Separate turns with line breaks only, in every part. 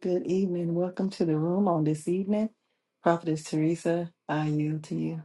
Good evening. Welcome to the room on this evening. Prophetess Teresa, I yield to you.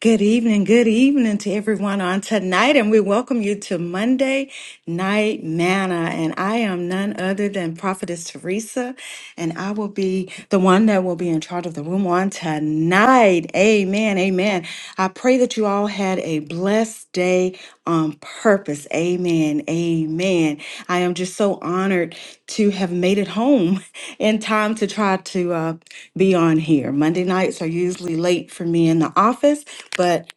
Good evening, good evening to everyone on tonight, and we welcome you to Monday Night Manna. And I am none other than Prophetess Teresa, and I will be the one that will be in charge of the room on tonight. Amen, amen. I pray that you all had a blessed day on purpose. Amen, amen. I am just so honored to have made it home in time to try to uh, be on here. Monday nights are usually late for me in the office but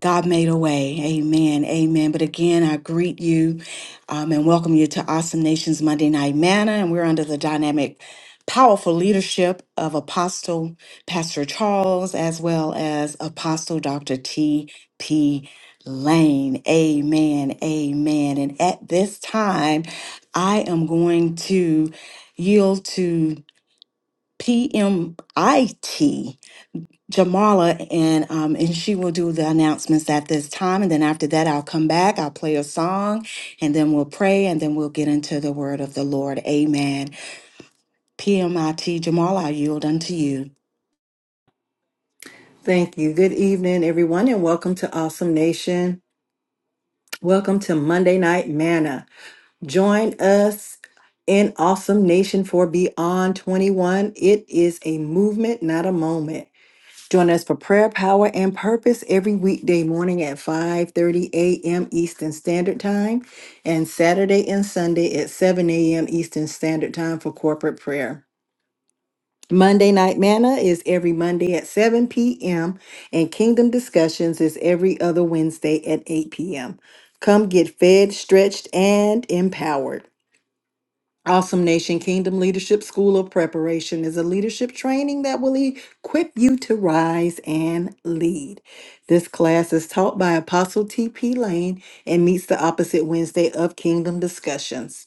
God made a way. Amen. Amen. But again, I greet you um, and welcome you to Awesome Nations Monday Night Manna. And we're under the dynamic, powerful leadership of Apostle Pastor Charles as well as Apostle Dr. T.P. Lane. Amen. Amen. And at this time, I am going to yield to PMIT. Jamala, and um, and she will do the announcements at this time, and then after that, I'll come back. I'll play a song, and then we'll pray, and then we'll get into the word of the Lord. Amen. PMIT Jamala, I yield unto you.
Thank you. Good evening, everyone, and welcome to Awesome Nation. Welcome to Monday Night Manna. Join us in Awesome Nation for Beyond 21. It is a movement, not a moment. Join us for prayer, power, and purpose every weekday morning at 5:30 a.m. Eastern Standard Time and Saturday and Sunday at 7 a.m. Eastern Standard Time for corporate prayer. Monday Night Manna is every Monday at 7 p.m., and Kingdom Discussions is every other Wednesday at 8 p.m. Come get fed, stretched, and empowered. Awesome Nation Kingdom Leadership School of Preparation is a leadership training that will equip you to rise and lead. This class is taught by Apostle T.P. Lane and meets the opposite Wednesday of Kingdom Discussions.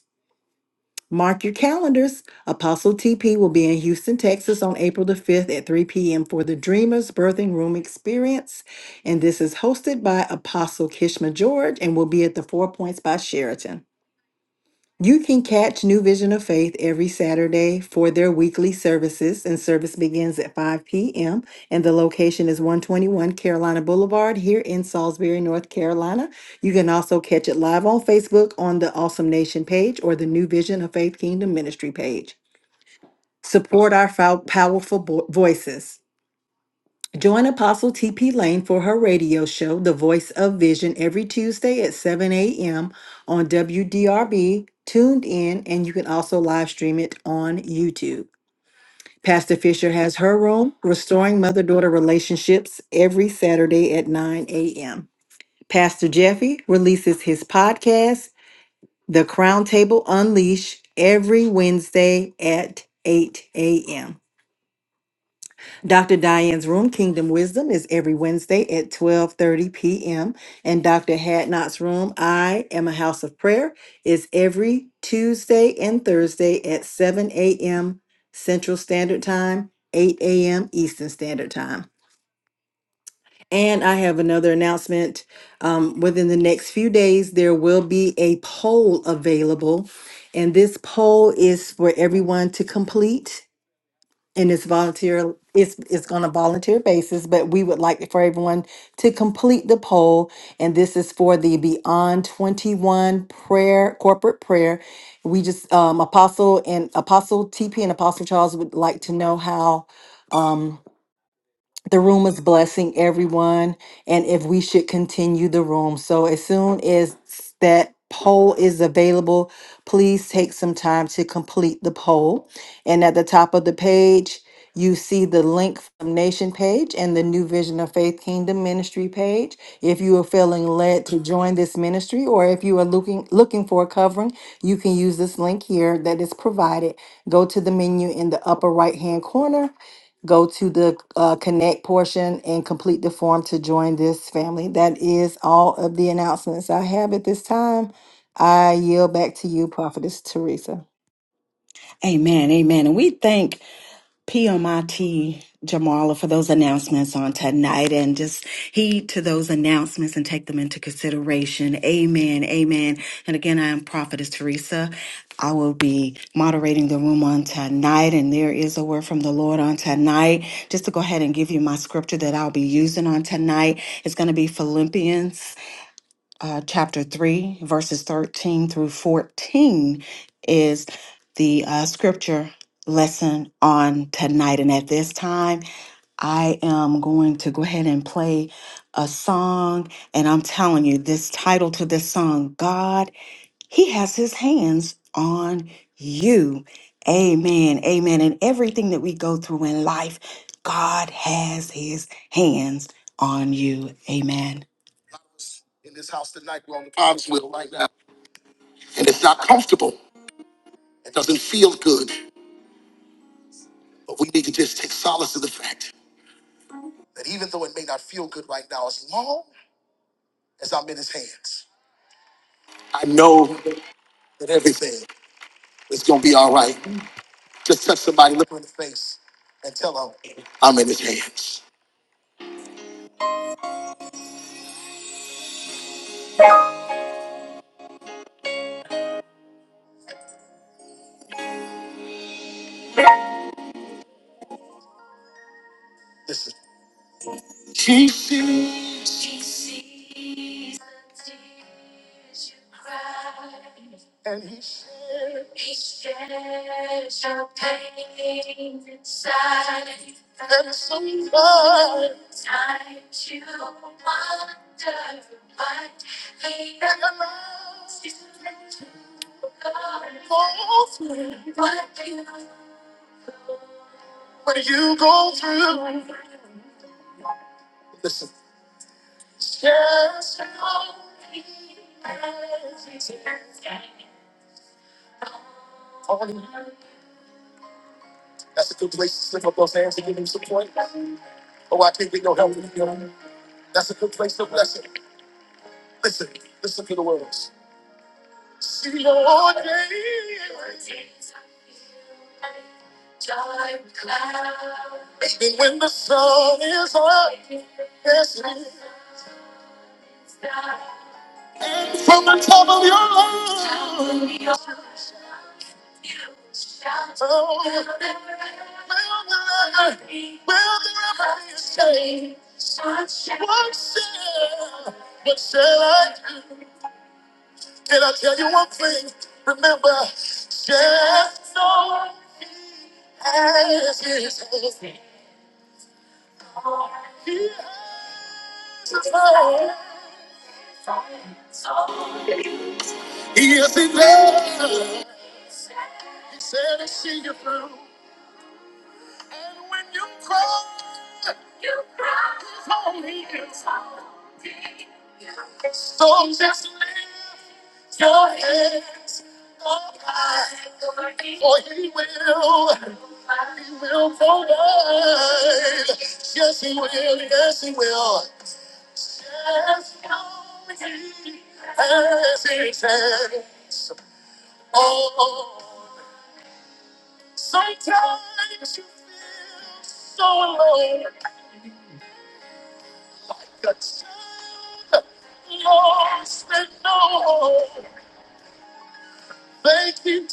Mark your calendars. Apostle TP will be in Houston, Texas on April the 5th at 3 p.m. for the Dreamers Birthing Room Experience. And this is hosted by Apostle Kishma George and will be at the Four Points by Sheraton. You can catch New Vision of Faith every Saturday for their weekly services, and service begins at 5 p.m. And the location is 121 Carolina Boulevard here in Salisbury, North Carolina. You can also catch it live on Facebook on the Awesome Nation page or the New Vision of Faith Kingdom Ministry page. Support our fou- powerful vo- voices. Join Apostle TP Lane for her radio show, The Voice of Vision, every Tuesday at 7 a.m. on WDRB, tuned in, and you can also live stream it on YouTube. Pastor Fisher has her room, Restoring Mother Daughter Relationships, every Saturday at 9 a.m. Pastor Jeffy releases his podcast, The Crown Table Unleash, every Wednesday at 8 a.m. Dr. Diane's room, Kingdom Wisdom, is every Wednesday at 12:30 p.m. And Dr. Hadnot's room, I Am a House of Prayer, is every Tuesday and Thursday at 7 a.m. Central Standard Time, 8 a.m. Eastern Standard Time. And I have another announcement. Um, within the next few days, there will be a poll available. And this poll is for everyone to complete and it's volunteer it's it's on a volunteer basis but we would like for everyone to complete the poll and this is for the beyond 21 prayer corporate prayer we just um apostle and apostle tp and apostle charles would like to know how um, the room is blessing everyone and if we should continue the room so as soon as that poll is available please take some time to complete the poll and at the top of the page you see the link from nation page and the new vision of faith kingdom ministry page if you are feeling led to join this ministry or if you are looking looking for a covering you can use this link here that is provided go to the menu in the upper right hand corner Go to the uh, connect portion and complete the form to join this family. That is all of the announcements I have at this time. I yield back to you, Prophetess Teresa.
Amen. Amen. And we thank PMIT Jamala for those announcements on tonight and just heed to those announcements and take them into consideration. Amen. Amen. And again, I am Prophetess Teresa. I will be moderating the room on tonight, and there is a word from the Lord on tonight. Just to go ahead and give you my scripture that I'll be using on tonight, it's going to be Philippians uh, chapter 3, verses 13 through 14 is the uh, scripture lesson on tonight. And at this time, I am going to go ahead and play a song. And I'm telling you, this title to this song, God, He has His hands on you. Amen. Amen. And everything that we go through in life, God has His hands on you. Amen in this house tonight. We're on the Cogswell right now. And it's not comfortable. It doesn't feel good. But we need to just take solace in the fact that even though it may not feel good right now, as long as I'm in his hands, I know that everything is going to be all right. Just touch somebody, look them in the face, and tell them, I'm in his hands. Listen. He sees and he sees when you go through. Listen, that's a good place to slip up those hands and give him support. Oh, I can't get no help. That's a good place to bless it. Listen, listen to the words. See your day, even when the sun is up. Yes, from the top of your lungs, he is in there. Said to see you through. And when you cry, so just live it up. Oh, he will. Yes, he will. Yes, he will. Yes, he will. Yes, he can. Oh. Sometimes you feel so alone, lost and no. Thank you.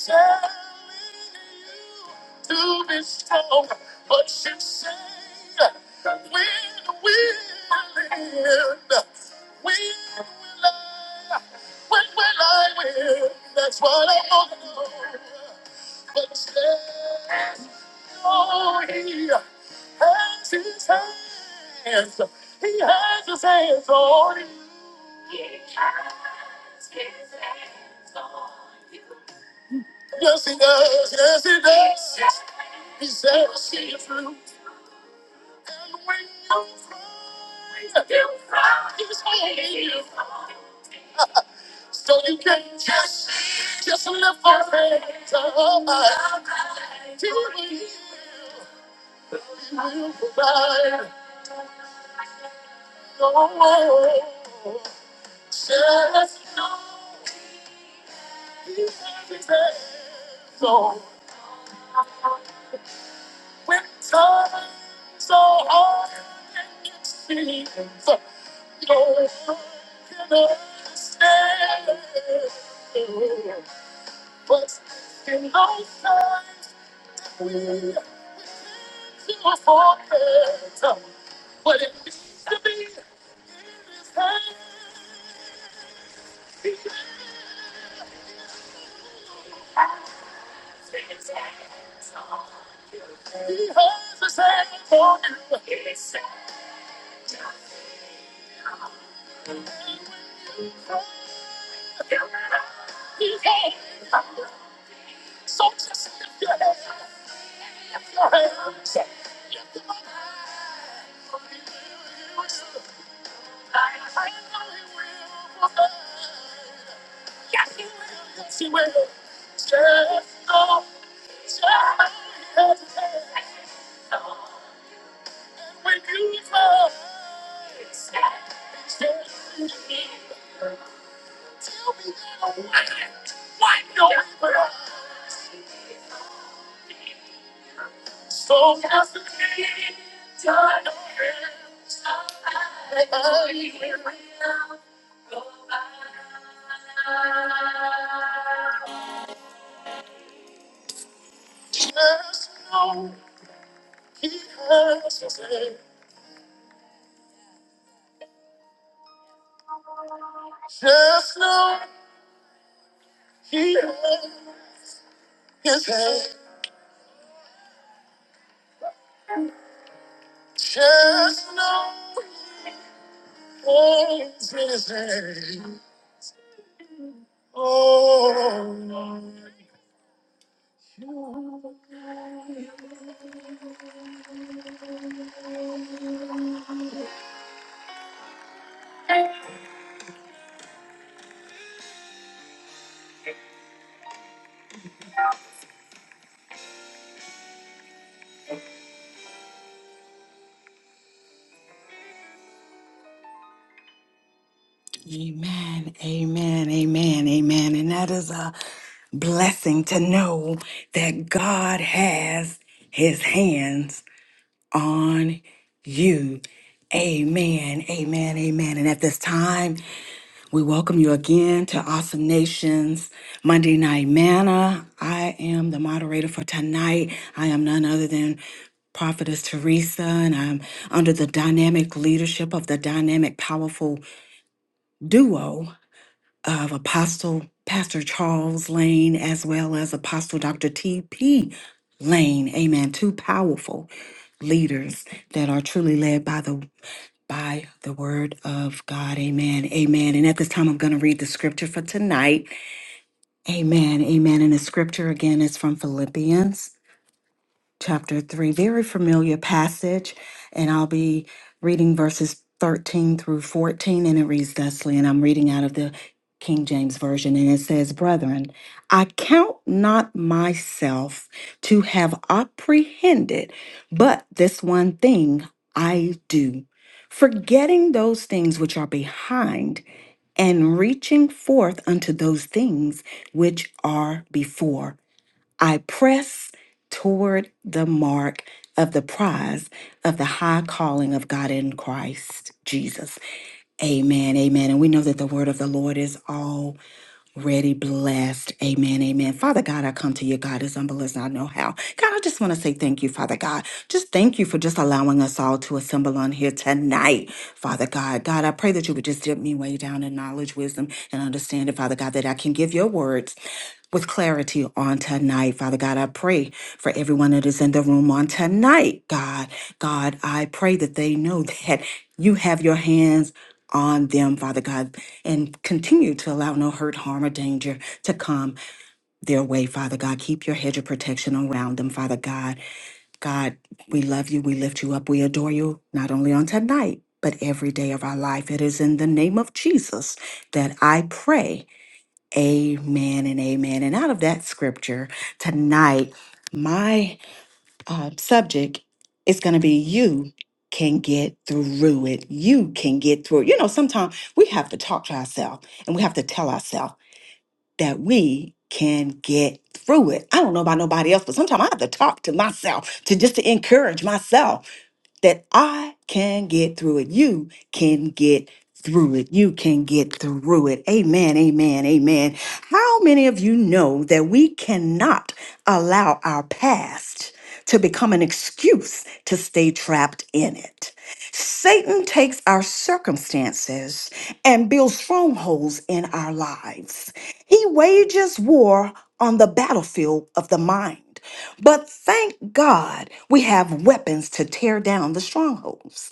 Amen, amen, amen, amen. And that is a blessing to know that God has his hands on you. Amen, amen, amen. And at this time, We welcome you again to Awesome Nations Monday Night Manna. I am the moderator for tonight. I am none other than Prophetess Teresa, and I'm under the dynamic leadership of the dynamic, powerful duo of Apostle Pastor Charles Lane as well as Apostle Dr. T.P. Lane. Amen. Two powerful leaders that are truly led by the by the word of God. Amen. Amen. And at this time, I'm going to read the scripture for tonight. Amen. Amen. And the scripture again is from Philippians chapter 3. Very familiar passage, and I'll be reading verses 13 through 14, and it reads thusly, and I'm reading out of the King James Version, and it says, Brethren, I count not myself to have apprehended, but this one thing I do, forgetting those things which are behind and reaching forth unto those things which are before. I press toward the mark of the prize of the high calling of God in Christ Jesus. Amen. Amen. And we know that the word of the Lord is all ready, blessed. Amen, amen. Father God, I come to you, God, as humble as I know how. God, I just want to say thank you, Father God. Just thank you for just allowing us all to assemble on here tonight, Father God. God, I pray that you would just dip me way down in knowledge, wisdom, and understanding, Father God, that I can give your words with clarity on tonight. Father God, I pray for everyone that is in the room on tonight, God. God, I pray that they know that you have your hands on them, Father God, and continue to allow no hurt, harm, or danger to come their way, Father God. Keep your hedge of protection around them, Father God. God, we love you, we lift you up, we adore you, not only on tonight, but every day of our life. It is in the name of Jesus that I pray. Amen and amen. And out of that scripture tonight, my uh, subject, it's going to be you can get through it. You can get through it. You know, sometimes we have to talk to ourselves and we have to tell ourselves that we can get through it. I don't know about nobody else, but sometimes I have to talk to myself to just to encourage myself that I can get through it. You can get through it. You can get through it. Amen, amen, amen. How many of you know that we cannot allow our past to become an excuse to stay trapped in it? Satan takes our circumstances and builds strongholds in our lives. He wages war on the battlefield of the mind. But thank God we have weapons to tear down the strongholds.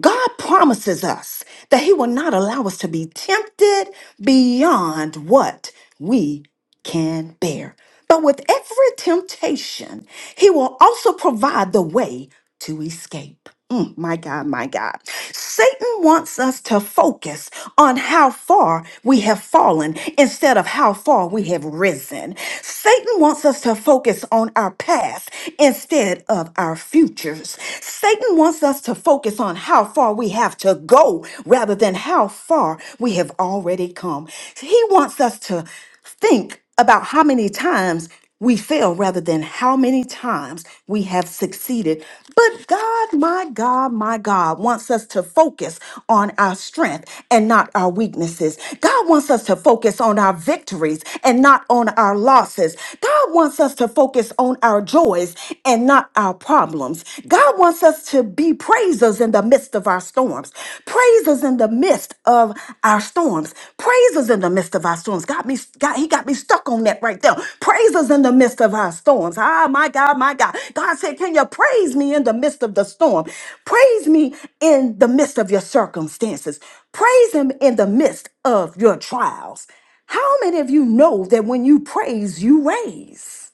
God promises us that He will not allow us to be tempted beyond what we can bear. But with every temptation, he will also provide the way to escape. Mm, my God, my God. Satan wants us to focus on how far we have fallen instead of how far we have risen. Satan wants us to focus on our past instead of our futures. Satan wants us to focus on how far we have to go rather than how far we have already come. He wants us to Think about how many times we fail rather than how many times we have succeeded. But God, my God, my God, wants us to focus on our strength and not our weaknesses. God wants us to focus on our victories and not on our losses. God wants us to focus on our joys and not our problems. God wants us to be praisers in the midst of our storms. Praise is in the midst of our storms. Praise is in the midst of our storms. Got me, got, he got me stuck on that right there. Praise is in the midst of our storms. Ah, my God, my God. God said, Can you praise me in the midst of the storm? Praise me in the midst of your circumstances. Praise him in the midst of your trials. How many of you know that when you praise, you raise?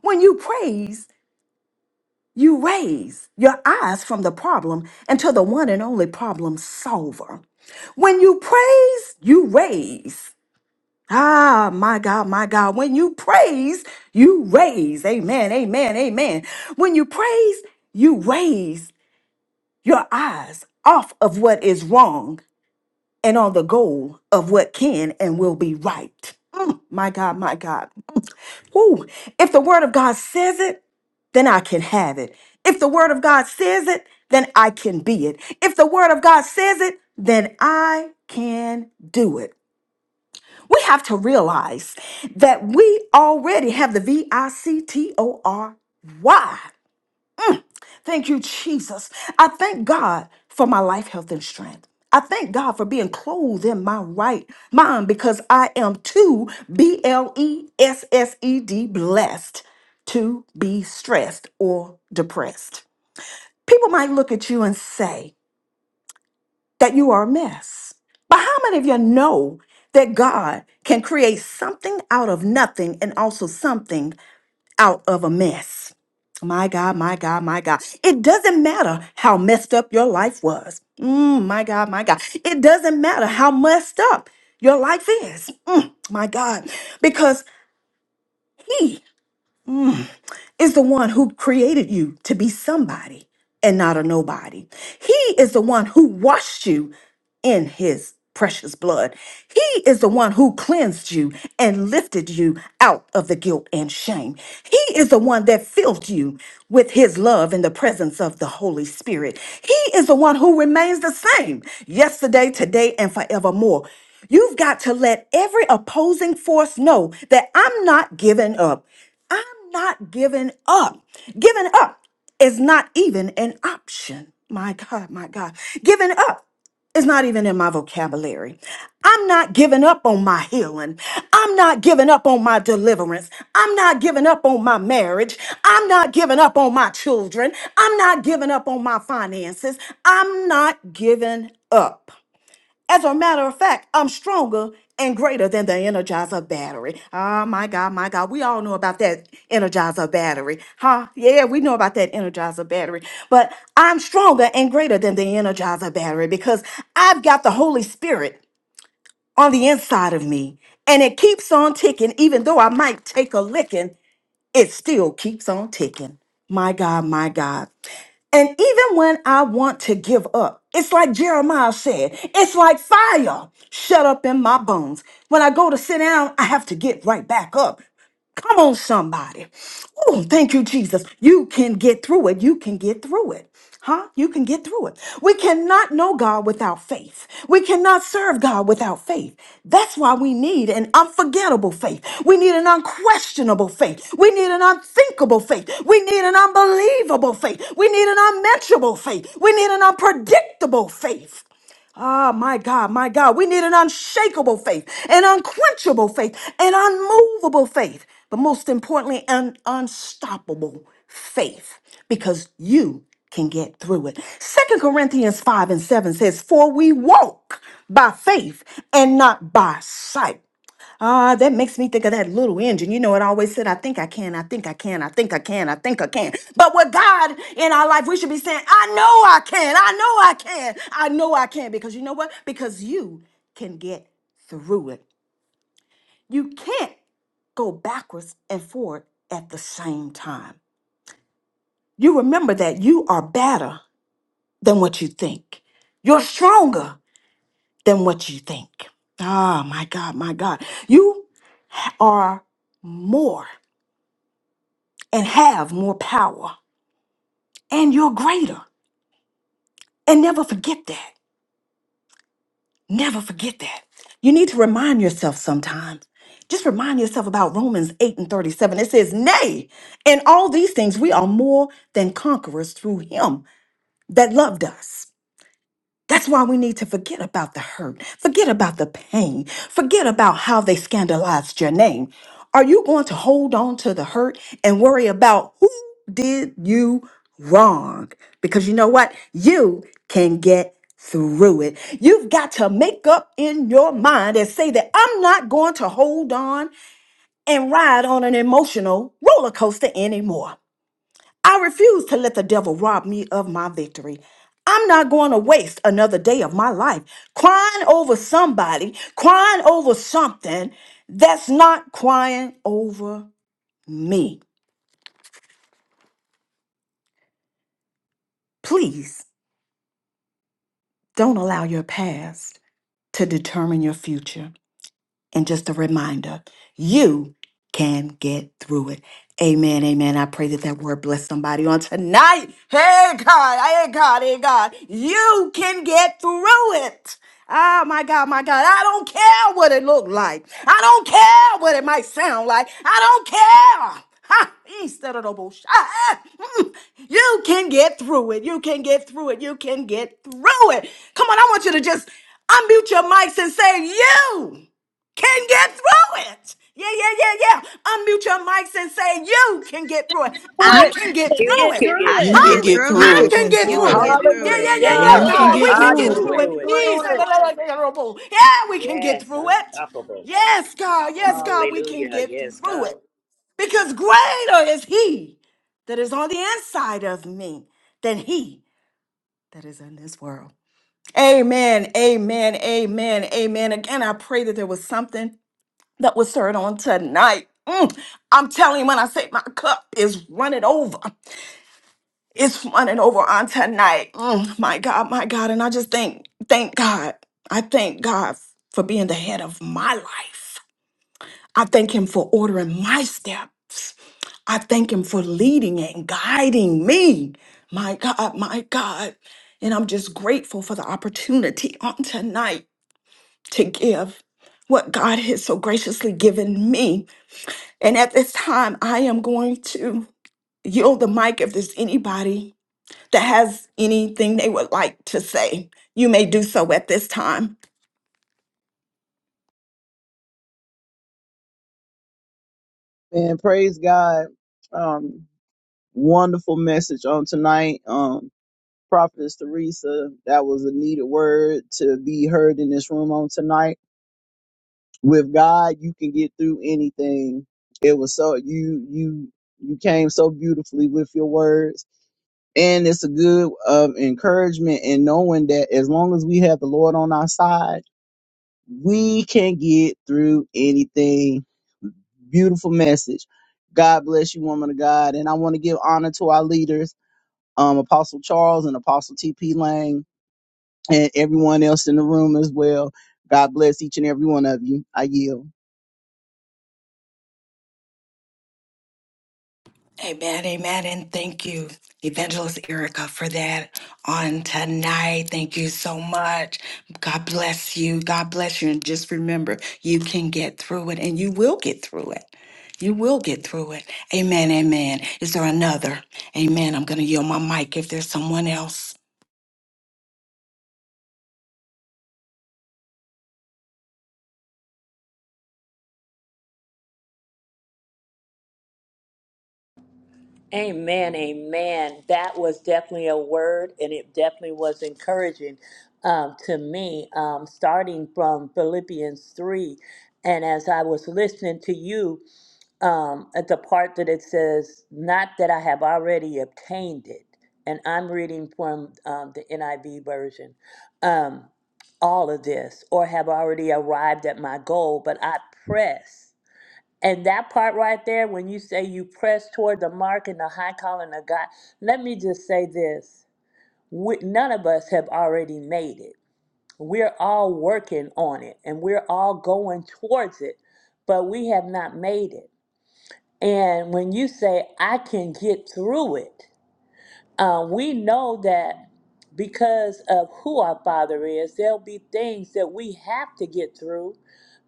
When you praise, you raise your eyes from the problem into the one and only problem solver. When you praise, you raise. Ah, my God, my God. When you praise, you raise. Amen, amen, amen. When you praise, you raise your eyes off of what is wrong and on the goal of what can and will be right. Mm, my God, my God. Mm. Woo. If the word of God says it, then I can have it. If the word of God says it, then I can be it. If the word of God says it, then I can do it. We have to realize that we already have the V I C T O R Y. Thank you, Jesus. I thank God for my life, health, and strength. I thank God for being clothed in my right mind because I am too B L E S S E D blessed to be stressed or depressed. People might look at you and say that you are a mess. But how many of you know that God can create something out of nothing and also something out of a mess. My God, my God, my God. It doesn't matter how messed up your life was. Mm, my God, my God. It doesn't matter how messed up your life is. Mm, my God. Because He Mm, is the one who created you to be somebody and not a nobody. He is the one who washed you in his precious blood. He is the one who cleansed you and lifted you out of the guilt and shame. He is the one that filled you with his love in the presence of the Holy Spirit. He is the one who remains the same yesterday, today, and forevermore. You've got to let every opposing force know that I'm not giving up. I'm not giving up. Giving up is not even an option. My God, my God. Giving up is not even in my vocabulary. I'm not giving up on my healing. I'm not giving up on my deliverance. I'm not giving up on my marriage. I'm not giving up on my children. I'm not giving up on my finances. I'm not giving up. As a matter of fact, I'm stronger and greater than the Energizer battery. Ah, my God, my God. We all know about that Energizer battery. Huh? Yeah, we know about that Energizer battery. But I'm stronger and greater than the Energizer battery because I've got the Holy Spirit on the inside of me. And it keeps on ticking, even though I might take a licking it still keeps on ticking. My God, my God. And even when I want to give up, it's like Jeremiah said, it's like fire shut up in my bones. When I go to sit down, I have to get right back up. Come on, somebody. Oh, thank you, Jesus. You can get through it. You can get through it. Huh? You can get through it. We cannot know God without faith. We cannot serve God without faith. That's why we need an unforgettable faith. We need an unquestionable faith. We need an unthinkable faith. We need an unbelievable faith. We need an unmentionable faith. We need an unpredictable faith. Ah, my God, my God. We need an unshakable faith, an unquenchable faith, an unmovable faith, but most importantly, an unstoppable faith because you can get through it. Second Corinthians 5 and 7 says, For we walk by faith and not by sight. Ah, that makes me think of that little engine. You know, it always said, I think I can, I think I can, I think I can, I think I can. But with God in our life, we should be saying, I know I can, I know I can, I know I can. Because you know what? Because you can get through it. You can't go backwards and forward at the same time. You remember that you are better than what you think, you're stronger than what you think. Ah, my God, my God. You are more. and have more power, and you're greater. And never forget that. Never forget that. You need to remind yourself sometimes. Just remind yourself about Romans 8 and 37. It says, Nay, in all these things we are more than conquerors through him that loved us. That's why we need to forget about the hurt, forget about the pain, forget about how they scandalized your name. Are you going to hold on to the hurt and worry about who did you wrong? Because you know what? You can get through it. You've got to make up in your mind and say that I'm not going to hold on and ride on an emotional roller coaster anymore. I refuse to let the devil rob me of my victory. I'm not going to waste another day of my life crying over somebody, crying over something that's not crying over me. Please don't allow your past to determine your future. and just a reminder you can get through it. Amen, amen. I pray that that word bless somebody on tonight. Hey, God, hey, God, hey, God. You can get through it. Oh my God, my God. I don't care what it looked like. I don't care what it might sound like. I don't care. Ha! Instead of the bullshit. Ah, ah, mm. You can get through it. You can get through it. You can get through it. Come on, I want you to just unmute your mics and say, You can get through it. Yeah, yeah, yeah, yeah. Unmute your mics and say, You can get through it.
through
I
You
it.
can
can
get through
You
get
it.
can get
through
I
You
it.
can
can
Huh?
get
through
get
it.
through
You
I
it.
through it.
can
can
get
You
through
can
do
it.
it.
get through
Yeah,
Hallelujah.
it.
yeah, yeah,
Yes,
You
yeah,
You
Hallelujah.
can
can
God.
Lord,
We
get
get
you
I
can
can
through
get
can
it.
get
through
through
it.
get
it.
through it.
through
Yes,
it.
hallelujah. Yeah, we can get
Yes,
through it.
unstoppable.
Yes, God. Yes, God. We can
Hallelujah.
get
Yes,
through
God.
it. Because greater is He that is on the inside of me than He that is in this world. Amen. Amen. Amen. Amen. Again, I pray that there was something that was served on tonight. Mm, I'm telling you, when I say my cup is running over, it's running over on tonight. Mm, my God, my God. And I just thank, thank God. I thank God for being the head of my life. I thank Him for ordering my steps. I thank Him for leading and guiding me. My God, my God. And I'm just grateful for the opportunity on tonight to give what God has so graciously given me And at this time, I am going to yield the mic if there's anybody that has anything they would like to say. You may do so at this time.
And praise God. Um, wonderful message on tonight. Um, Prophetess Teresa, that was a needed word to be heard in this room on tonight. With God, you can get through anything. It was so you you you came so beautifully with your words. And it's a good um, encouragement in knowing that as long as we have the Lord on our side, We can get through anything. Beautiful message. God bless you, woman of God. And I want to give honor to our leaders, um, Apostle Charles and Apostle T.P. Lang, and everyone else in the room as well. God bless each and every one of you. I yield.
Amen, amen, and thank you, Evangelist Erica, for that on tonight. Thank you so much. God bless you. God bless you. And just remember, you can get through it, and you will get through it. You will get through it. Amen, amen. Is there another? Amen. I'm going to yield my mic if there's someone else.
Amen, amen. That was definitely a word, and it definitely was encouraging um, to me, um, starting from Philippians 3. And as I was listening to you, um, at the part that it says, Not that I have already obtained it, and I'm reading from um, the NIV version. Um, all of this or have already arrived at my goal, but I press. And that part right there, when you say you press toward the mark and the high calling of God, let me just say this. We, none of us have already made it. We're all working on it and we're all going towards it, but we have not made it. And when you say, I can get through it, uh, we know that because of who our Father is, there'll be things that we have to get through.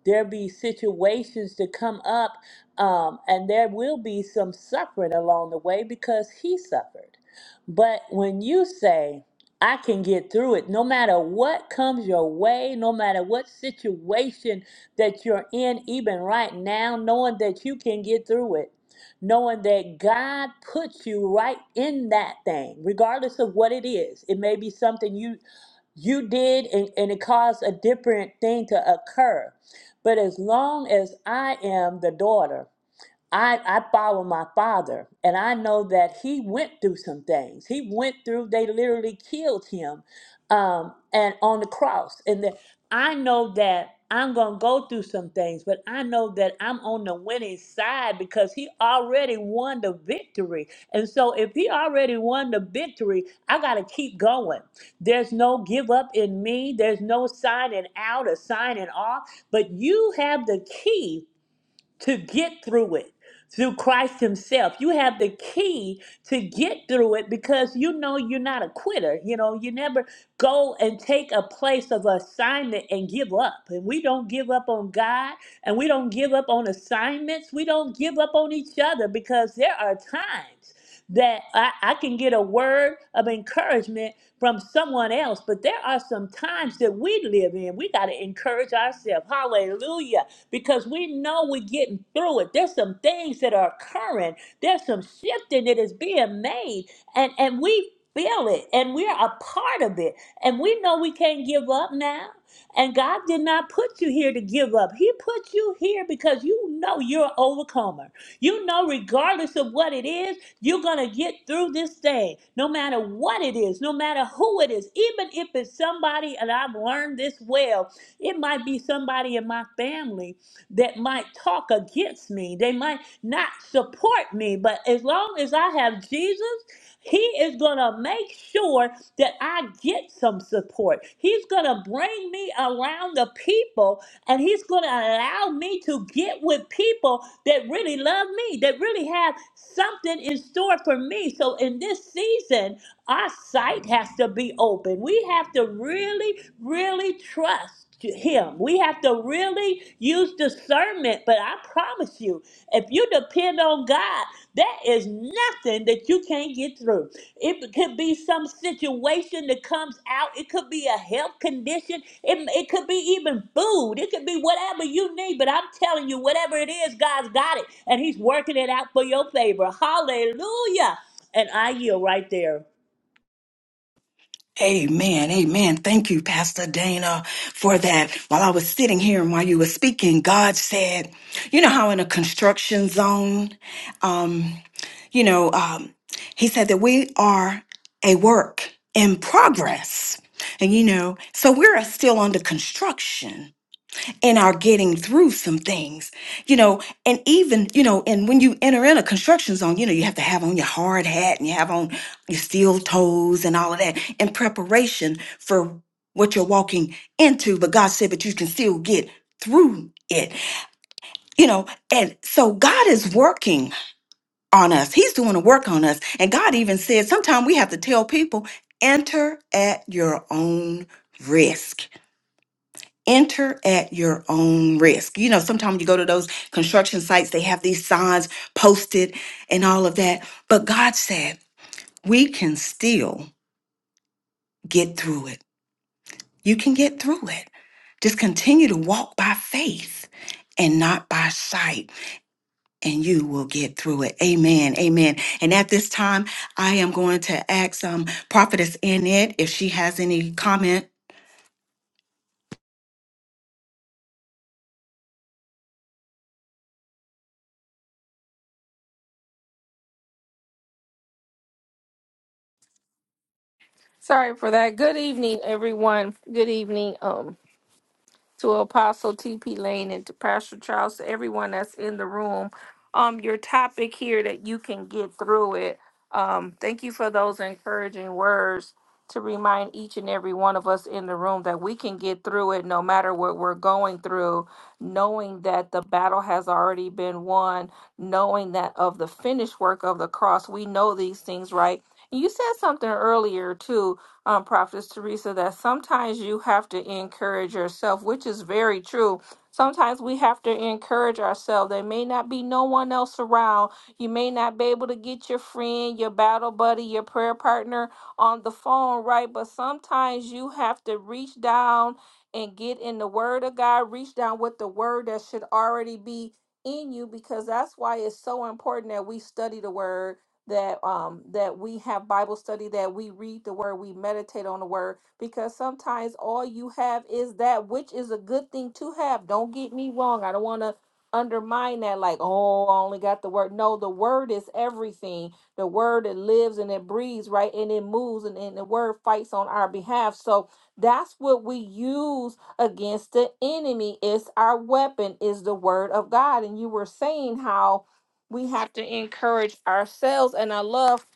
There'll be situations to come up, um, and there will be some suffering along the way because He suffered. But when you say, I can get through it, no matter what comes your way, no matter what situation that you're in, even right now, knowing that you can get through it knowing that God puts you right in that thing, regardless of what it is. It may be something you you did and, and it caused a different thing to occur. But as long as I am the daughter I, I follow my father, and I know that he went through some things. He went through, they literally killed him um, and on the cross. And that I know that I'm going to go through some things, but I know that I'm on the winning side because he already won the victory. And so if he already won the victory, I got to keep going. There's no give up in me, there's no signing out or signing off, but you have the key to get through it through Christ Himself. You have the key to get through it because you know you're not a quitter. You know, you never go and take a place of assignment and give up. And we don't give up on God and we don't give up on assignments. We don't give up on each other because there are times that I, I can get a word of encouragement from someone else, but there are some times that we live in. We got to encourage ourselves. Hallelujah because we know we're getting through it. There's some things that are occurring. There's some shifting that is being made, and and we feel it, and we're a part of it, and we know we can't give up now. And God did not put you here to give up. He put you here because you know you're an overcomer. You know, regardless of what it is, you're going to get through this thing, no matter what it is, no matter who it is. Even if it's somebody, and I've learned this well, it might be somebody in my family that might talk against me. They might not support me, but as long as I have Jesus, He is going to make sure that I get some support. He's going to bring me around the people and He's going to allow me to get with people that really love me, that really have something in store for me. So in this season, our sight has to be open. We have to really, really trust Him. We have to really use discernment. But I promise you, if you depend on God, there is nothing that you can't get through. It could be some situation that comes out. It could be a health condition. It, it could be even food. It could be whatever you need. But I'm telling you, whatever it is, God's got it. And He's working it out for your favor. Hallelujah. And I yield right there.
Amen. Amen. Thank you, Pastor Dana, for that. While I was sitting here and while you were speaking, God said, you know how in a construction zone, um, you know, um, He said that we are a work in progress. And you know, so we're still under construction in our getting through some things, you know, and even, you know, and when you enter in a construction zone, you know, you have to have on your hard hat and you have on your steel toes and all of that in preparation for what you're walking into. But God said, but you can still get through it, you know, and so God is working on us. He's doing a work on us. And God even said, sometimes we have to tell people, enter at your own risk Enter at your own risk. You know, sometimes you go to those construction sites, they have these signs posted and all of that. But God said, we can still get through it. You can get through it. Just continue to walk by faith and not by sight, and you will get through it. Amen. Amen. And at this time, I am going to ask um, Prophetess Annette if she has any comment
Sorry for that. Good evening, everyone. Good evening um, to Apostle TP Lane and to Pastor Charles, to everyone that's in the room. Um, your topic here that you can get through it. Um, thank you for those encouraging words to remind each and every one of us in the room that we can get through it no matter what we're going through, knowing that the battle has already been won, knowing that of the finished work of the cross, we know these things, right? You said something earlier too um, Prophetess Teresa, that sometimes you have to encourage yourself, which is very true. Sometimes we have to encourage ourselves. There may not be no one else around. You may not be able to get your friend, your battle buddy, your prayer partner on the phone, right? But sometimes you have to reach down and get in the Word of God, reach down with the Word that should already be in you because that's why it's so important that we study the Word that um that we have Bible study, that we read the word, we meditate on the word, because sometimes all you have is that which is a good thing to have. Don't get me wrong. I don't want to undermine that like, oh, I only got the word. No, the word is everything. The word it lives and it breathes, right? And it moves and, and the word fights on our behalf. So that's what we use against the enemy. It's our weapon, is the word of God. And you were saying how we have to encourage ourselves and i love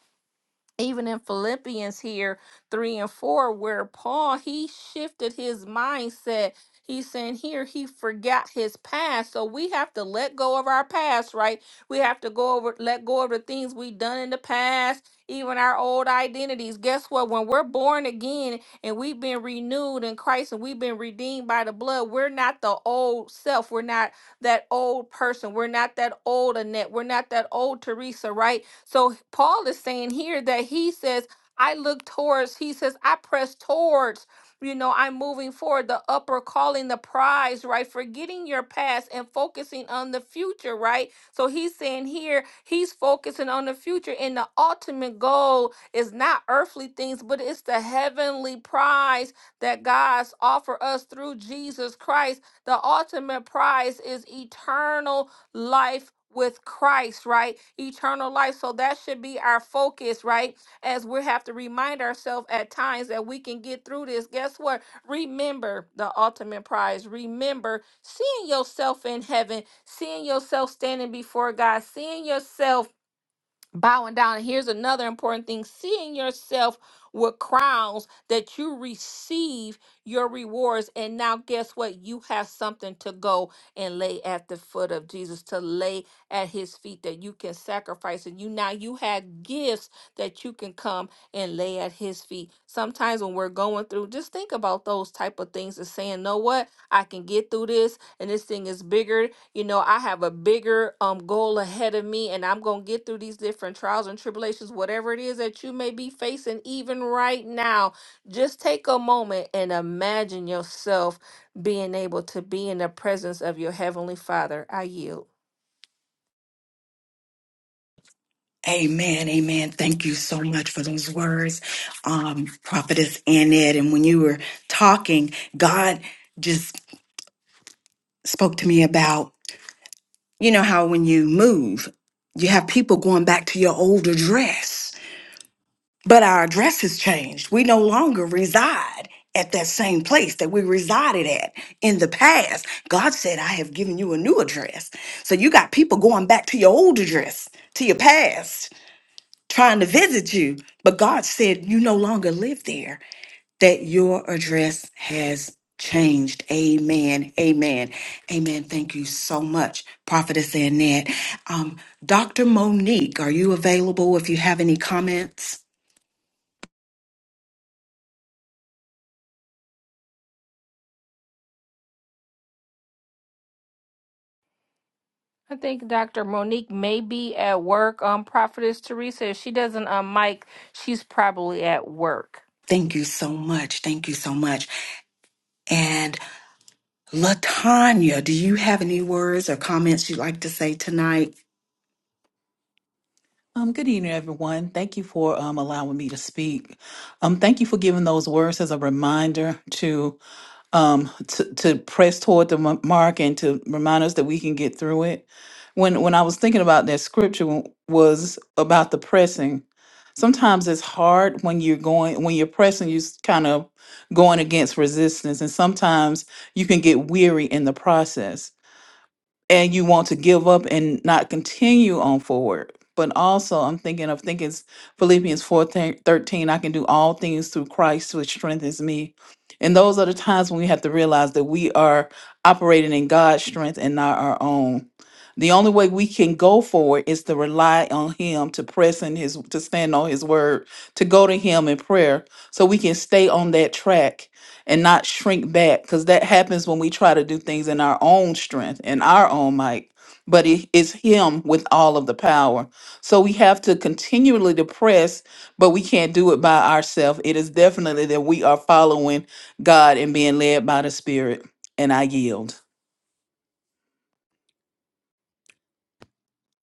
even in philippians here 3 and 4 where paul he shifted his mindset he's saying here he forgot his past so we have to let go of our past right we have to go over let go of the things we've done in the past even our old identities guess what when we're born again and we've been renewed in christ and we've been redeemed by the blood we're not the old self we're not that old person. We're not that old Annette. We're not that old Teresa, right? So Paul is saying here that he says, I look towards, he says, I press towards. You know, I'm moving forward, the upper calling, the prize, right? Forgetting your past and focusing on the future, right? So he's saying here, he's focusing on the future, and the ultimate goal is not earthly things, but it's the heavenly prize that God's offer us through Jesus Christ. The ultimate prize is eternal life with Christ, right? Eternal life. So that should be our focus, right? As we have to remind ourselves at times that we can get through this. Guess what? Remember the ultimate prize. Remember seeing yourself in heaven, seeing yourself standing before God, seeing yourself bowing down. And here's another important thing seeing yourself with crowns that you receive your rewards. And now, guess what? You have something to go and lay at the foot of Jesus, to lay at his feet that you can sacrifice. And you now you have gifts that you can come and lay at his feet. Sometimes when we're going through, just think about those type of things and saying, know what? I can get through this, and this thing is bigger you know i have a bigger um goal ahead of me and i'm going to get through these different trials and tribulations whatever it is that you may be facing even right now just take a moment and imagine yourself being able to be in the presence of your heavenly father i yield
Amen, amen. Thank you so much for those words, um, Prophetess Annette. And when you were talking, God just spoke to me about, you know, how when you move, you have people going back to your old address, but our address has changed. We no longer reside at that same place that we resided at in the past. God said, I have given you a new address. So you got people going back to your old address, to your past trying to visit you. But God said, You no longer live there, that your address has changed. Amen. Amen. Amen. Thank you so much, Prophetess Annette. Um, Dr. Monique, are you available if you have any comments?
I think Dr. Monique may be at work. Um, Prophetess Teresa, if she doesn't um mic, she's probably at work.
Thank you so much. Thank you so much. And Latanya, do you have any words or comments you'd like to say tonight?
Um, good evening, everyone. Thank you for um, allowing me to speak. Um, thank you for giving those words as a reminder to um, to, to press toward the m- mark and to remind us that we can get through it. When when I was thinking about that scripture w- was about the pressing. Sometimes it's hard when you're going when you're pressing. You're kind of going against resistance, and sometimes you can get weary in the process. and you want to give up and not continue on forward. But also, I'm thinking of thinking it's Philippians 4:13. I can do all things through Christ, which strengthens me. And those are the times when we have to realize that we are operating in God's strength and not our own. The only way we can go forward is to rely on Him, to press in His, to stand on His word, to go to Him in prayer so we can stay on that track and not shrink back because that happens when we try to do things in our own strength and our own might but it is him with all of the power so we have to continually to press but we can't do it by ourselves it is definitely that we are following god and being led by the spirit and i yield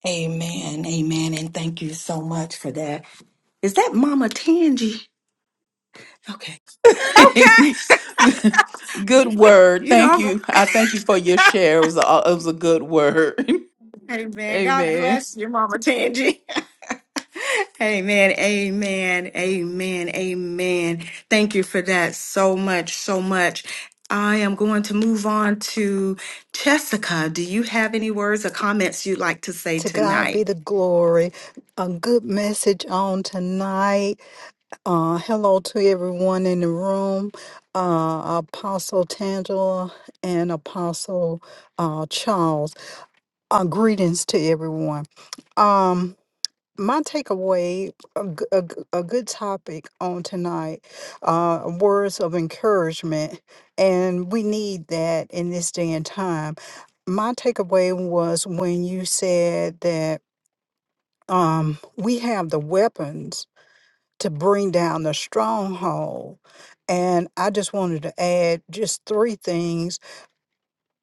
Amen. Amen. And thank you so much for that. Is that Mama Tangy? Okay. Okay.
good word
You
thank
know,
you i thank you for your share it was a, it was a good word
I'm, amen. God
amen
bless your Mama Tangy. amen. Amen. Amen. Amen. Thank you for that so much, so much. I am going to move on to Jessica. Do you have any words or comments you'd like to say
To God
tonight?
be the glory. A good message on tonight. Uh, hello to everyone in the room. Uh, Apostle Tangela and Apostle uh, Charles. Uh, greetings to everyone. Um, my takeaway a, g- a g- a good topic on tonight uh words of encouragement and we need that in this day and time my takeaway was when you said that um we have the weapons to bring down the stronghold and i just wanted to add just three things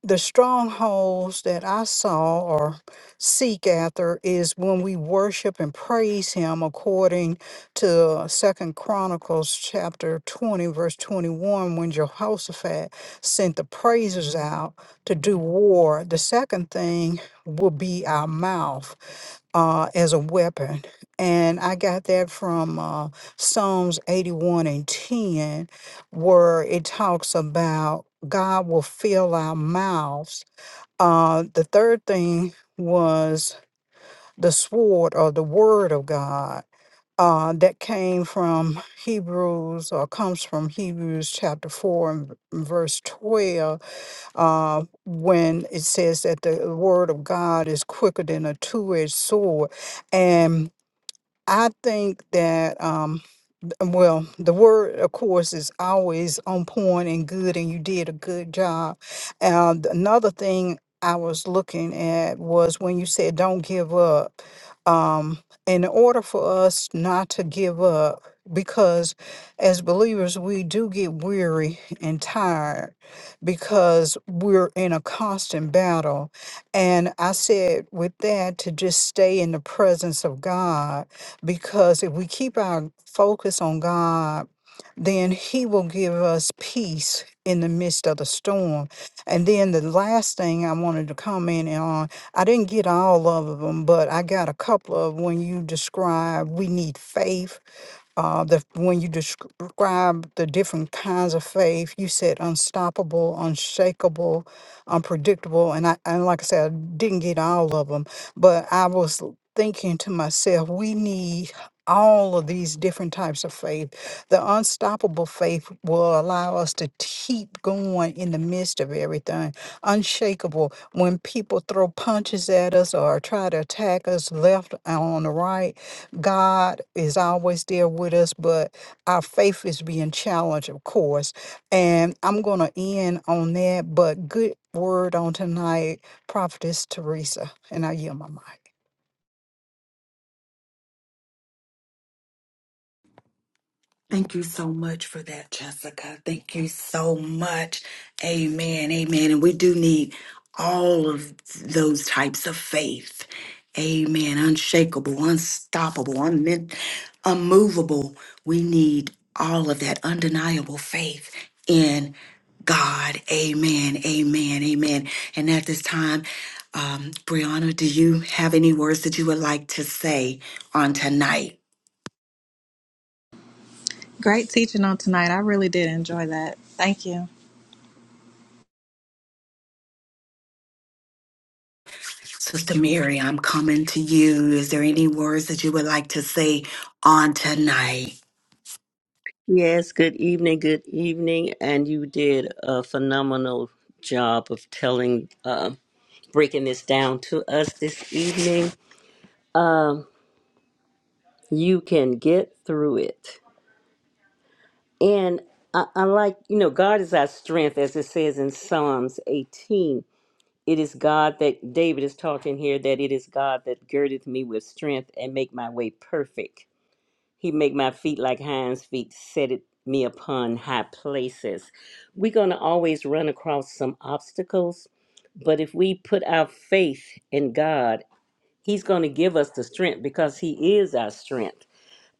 the strongholds that I saw or seek after is when we worship and praise him according to uh, Second Chronicles chapter 20 verse 21 when Jehoshaphat sent the praisers out to do war the second thing will be our mouth uh, as a weapon. And I got that from uh, Psalms 81 and 10, where it talks about God will fill our mouths. Uh, the third thing was the sword or the word of God. Uh, that came from Hebrews or comes from Hebrews chapter 4 and v- verse 12 uh, when it says that the word of God is quicker than a two edged sword. And I think that um th- um, well, the word of course is always on point and good and you did a good job. And another thing I was looking at was when you said don't give up. Um in order for us not to give up because as believers we do get weary and tired because we're in a constant battle and i said with that to just stay in the presence of god because if we keep our focus on God, then He will give us peace in the midst of the storm. And then the last thing I wanted to comment on, I didn't get all of them, but I got a couple of when you describe we need faith uh, the when you describe the different kinds of faith, you said unstoppable, unshakable, unpredictable, and I and like I said, I didn't get all of them, but I was l- thinking to myself, we need all of these different types of faith. The unstoppable faith will allow us to keep going in the midst of everything. Unshakable, when people throw punches at us or try to attack us left and on the right, God is always there with us, but our faith is being challenged, of course. And I'm going to end on that, but good word on tonight, Prophetess Teresa. And I yield my mic.
Thank you so much for that, Jessica. Thank you so much. Amen. Amen. And we do need all of those types of faith. Amen. Unshakable, unstoppable, unmin- unmovable. We need all of that undeniable faith in God. Amen. Amen. Amen. And at this time, um, Brianna, do you have any words that you would like to say on tonight?
Great teaching on tonight. I really did enjoy that. Thank you.
Sister Mary, I'm coming to you. Is there any words that you would like to say on tonight?
Yes, good evening, good evening. And you did a phenomenal job of telling, uh, breaking this down to us this evening. You can get through it. And I, I like, you know, God is our strength, as it says in Psalms 18. It is God that David is talking here that it is God that girdeth me with strength and make my way perfect. He make my feet like hinds feet, set it me upon high places. We're gonna always run across some obstacles, but if we put our faith in God, He's gonna give us the strength because He is our strength.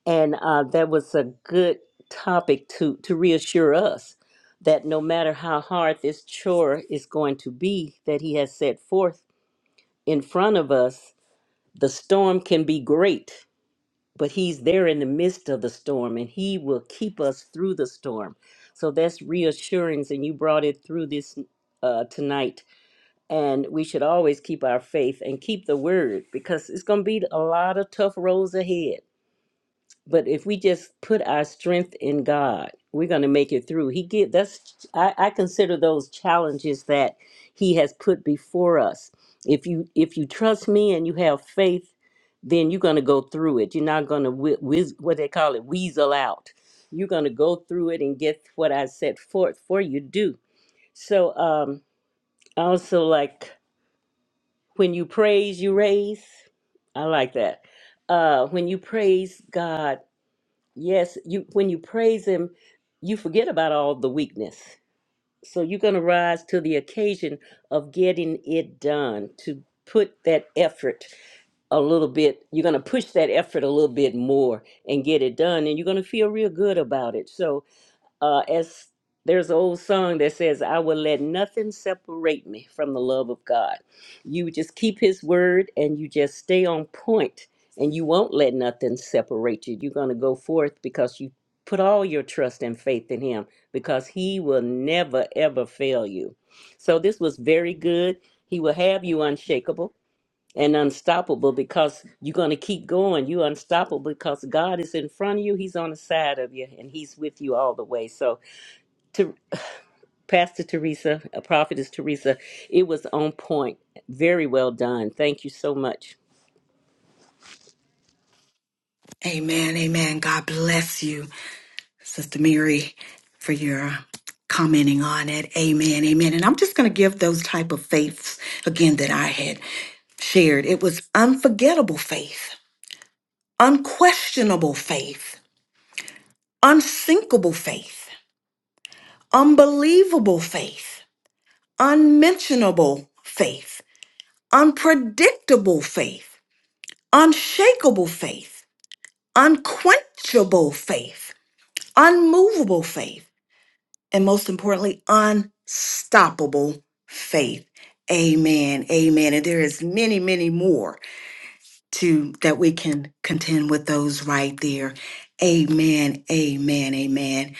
And uh, that was a good topic to to reassure us that no matter how hard this chore is going to be that He has set forth in front of us, the storm can be great, but He's there in the midst of the storm and He will keep us through the storm. So that's reassurance, and you brought it through this uh, tonight. And we should always keep our faith and keep the word because it's going to be a lot of tough roads ahead but if we just put our strength in God, we're going to make it through. He give that's I, I consider those challenges that He has put before us. If you if you trust me and you have faith, then you're going to go through it. You're not going to whi whiz, what they call it weasel out. You're going to go through it and get what I set forth for you to do. So um, I also like when you praise, you raise. I like that. Uh, when you praise God Yes, you when you praise him, you forget about all the weakness. So you're going to rise to the occasion of getting it done, to put that effort a little bit. You're going to push that effort a little bit more and get it done and you're going to feel real good about it. So uh, as there's an old song that says, I will let nothing separate me from the love of God. You just keep His word and you just stay on point and you won't let nothing separate you. You're going to go forth because you put all your trust and faith in Him because He will never, ever fail you. So this was very good. He will have you unshakable and unstoppable because you're going to keep going. You're unstoppable because God is in front of you. He's on the side of you and he's with you all the way. So to Pastor Teresa, a prophetess Teresa. It was on point. Very well done. Thank you so much.
Amen, amen. God bless you, Sister Mary, for your commenting on it. Amen, amen. And I'm just going to give those type of faiths again that I had shared. It was unforgettable faith, unquestionable faith, unsinkable faith, unbelievable faith, unmentionable faith, unpredictable faith unshakable faith, unquenchable faith, unmovable faith, and most importantly, unstoppable faith. Amen. Amen. And there is many, many more to that we can contend with those right there. Amen. Amen. Amen.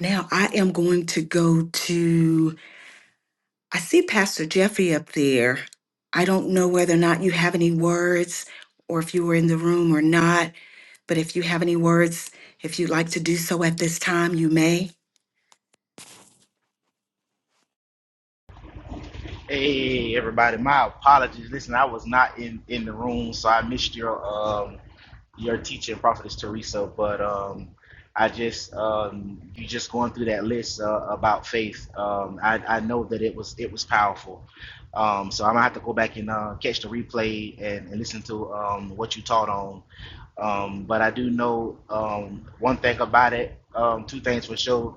Now I am going to go to I see Pastor Jeffy up there. I don't know whether or not you have any words or if you were in the room or not, but if you have any words, if you'd like to do so at this time, you may.
Hey everybody, my apologies. Listen, I was not in in the room, so I missed your um your teaching, Prophetess Teresa. But um, I just um you just going through that list uh, about faith. Um, I I know that it was it was powerful. Um, so I'm gonna have to go back and uh, catch the replay and, and listen to um what you taught on. Um, but I do know um one thing about it. Um, two things for sure.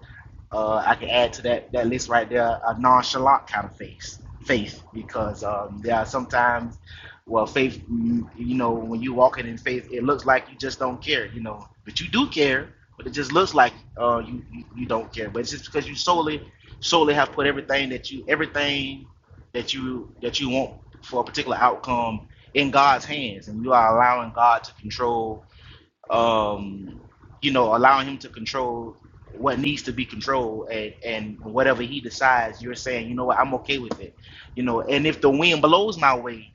Uh, I can add to that that list right there a nonchalant kind of faith, faith, because um, there are sometimes, well, faith, mm, you know, when you walking in faith, it looks like you just don't care, you know, but you do care, but it just looks like uh, you, you you don't care, but it's just because you solely solely have put everything that you everything that you that you want for a particular outcome in God's hands, and you are allowing God to control um, you know, allowing him to control what needs to be controlled and, and whatever he decides, you're saying, you know what, I'm okay with it. You know, and if the wind blows my way,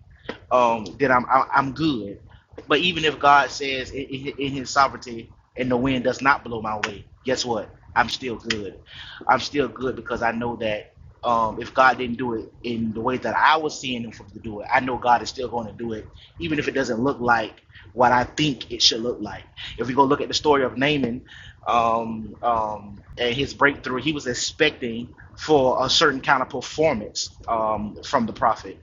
um, then I'm I- I'm good. But even if God says in, in in His sovereignty and the wind does not blow my way, guess what? I'm still good. I'm still good because I know that um, if God didn't do it in the way that I was seeing Him to do it, I know God is still going to do it, even if it doesn't look like what I think it should look like. If we go look at the story of Naaman um, um, and his breakthrough, he was expecting for a certain kind of performance um, from the prophet,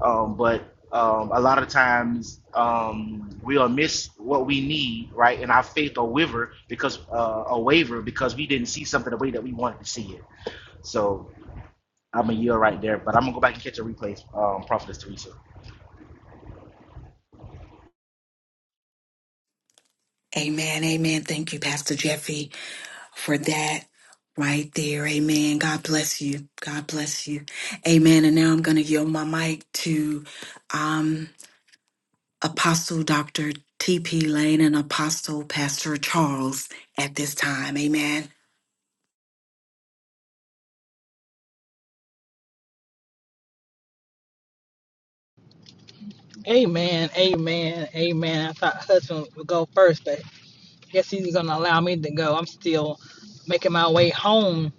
um, but um, a lot of times um, we'll miss what we need, right? And our faith will waver because uh, a waver because we didn't see something the way that we wanted to see it. So I'm a year right there, but I'm gonna go back and catch a replay. Um, Prophetess Teresa.
Amen. Amen. Thank you, Pastor Jeffy, for that right there. Amen. God bless you. God bless you. Amen. And now I'm going to yield my mic to um, Apostle Dr. T.P. Lane and Apostle Pastor Charles at this time. Amen.
Amen, amen, amen. I thought husband would go first, but guess he's gonna allow me to go. I'm still making my way home.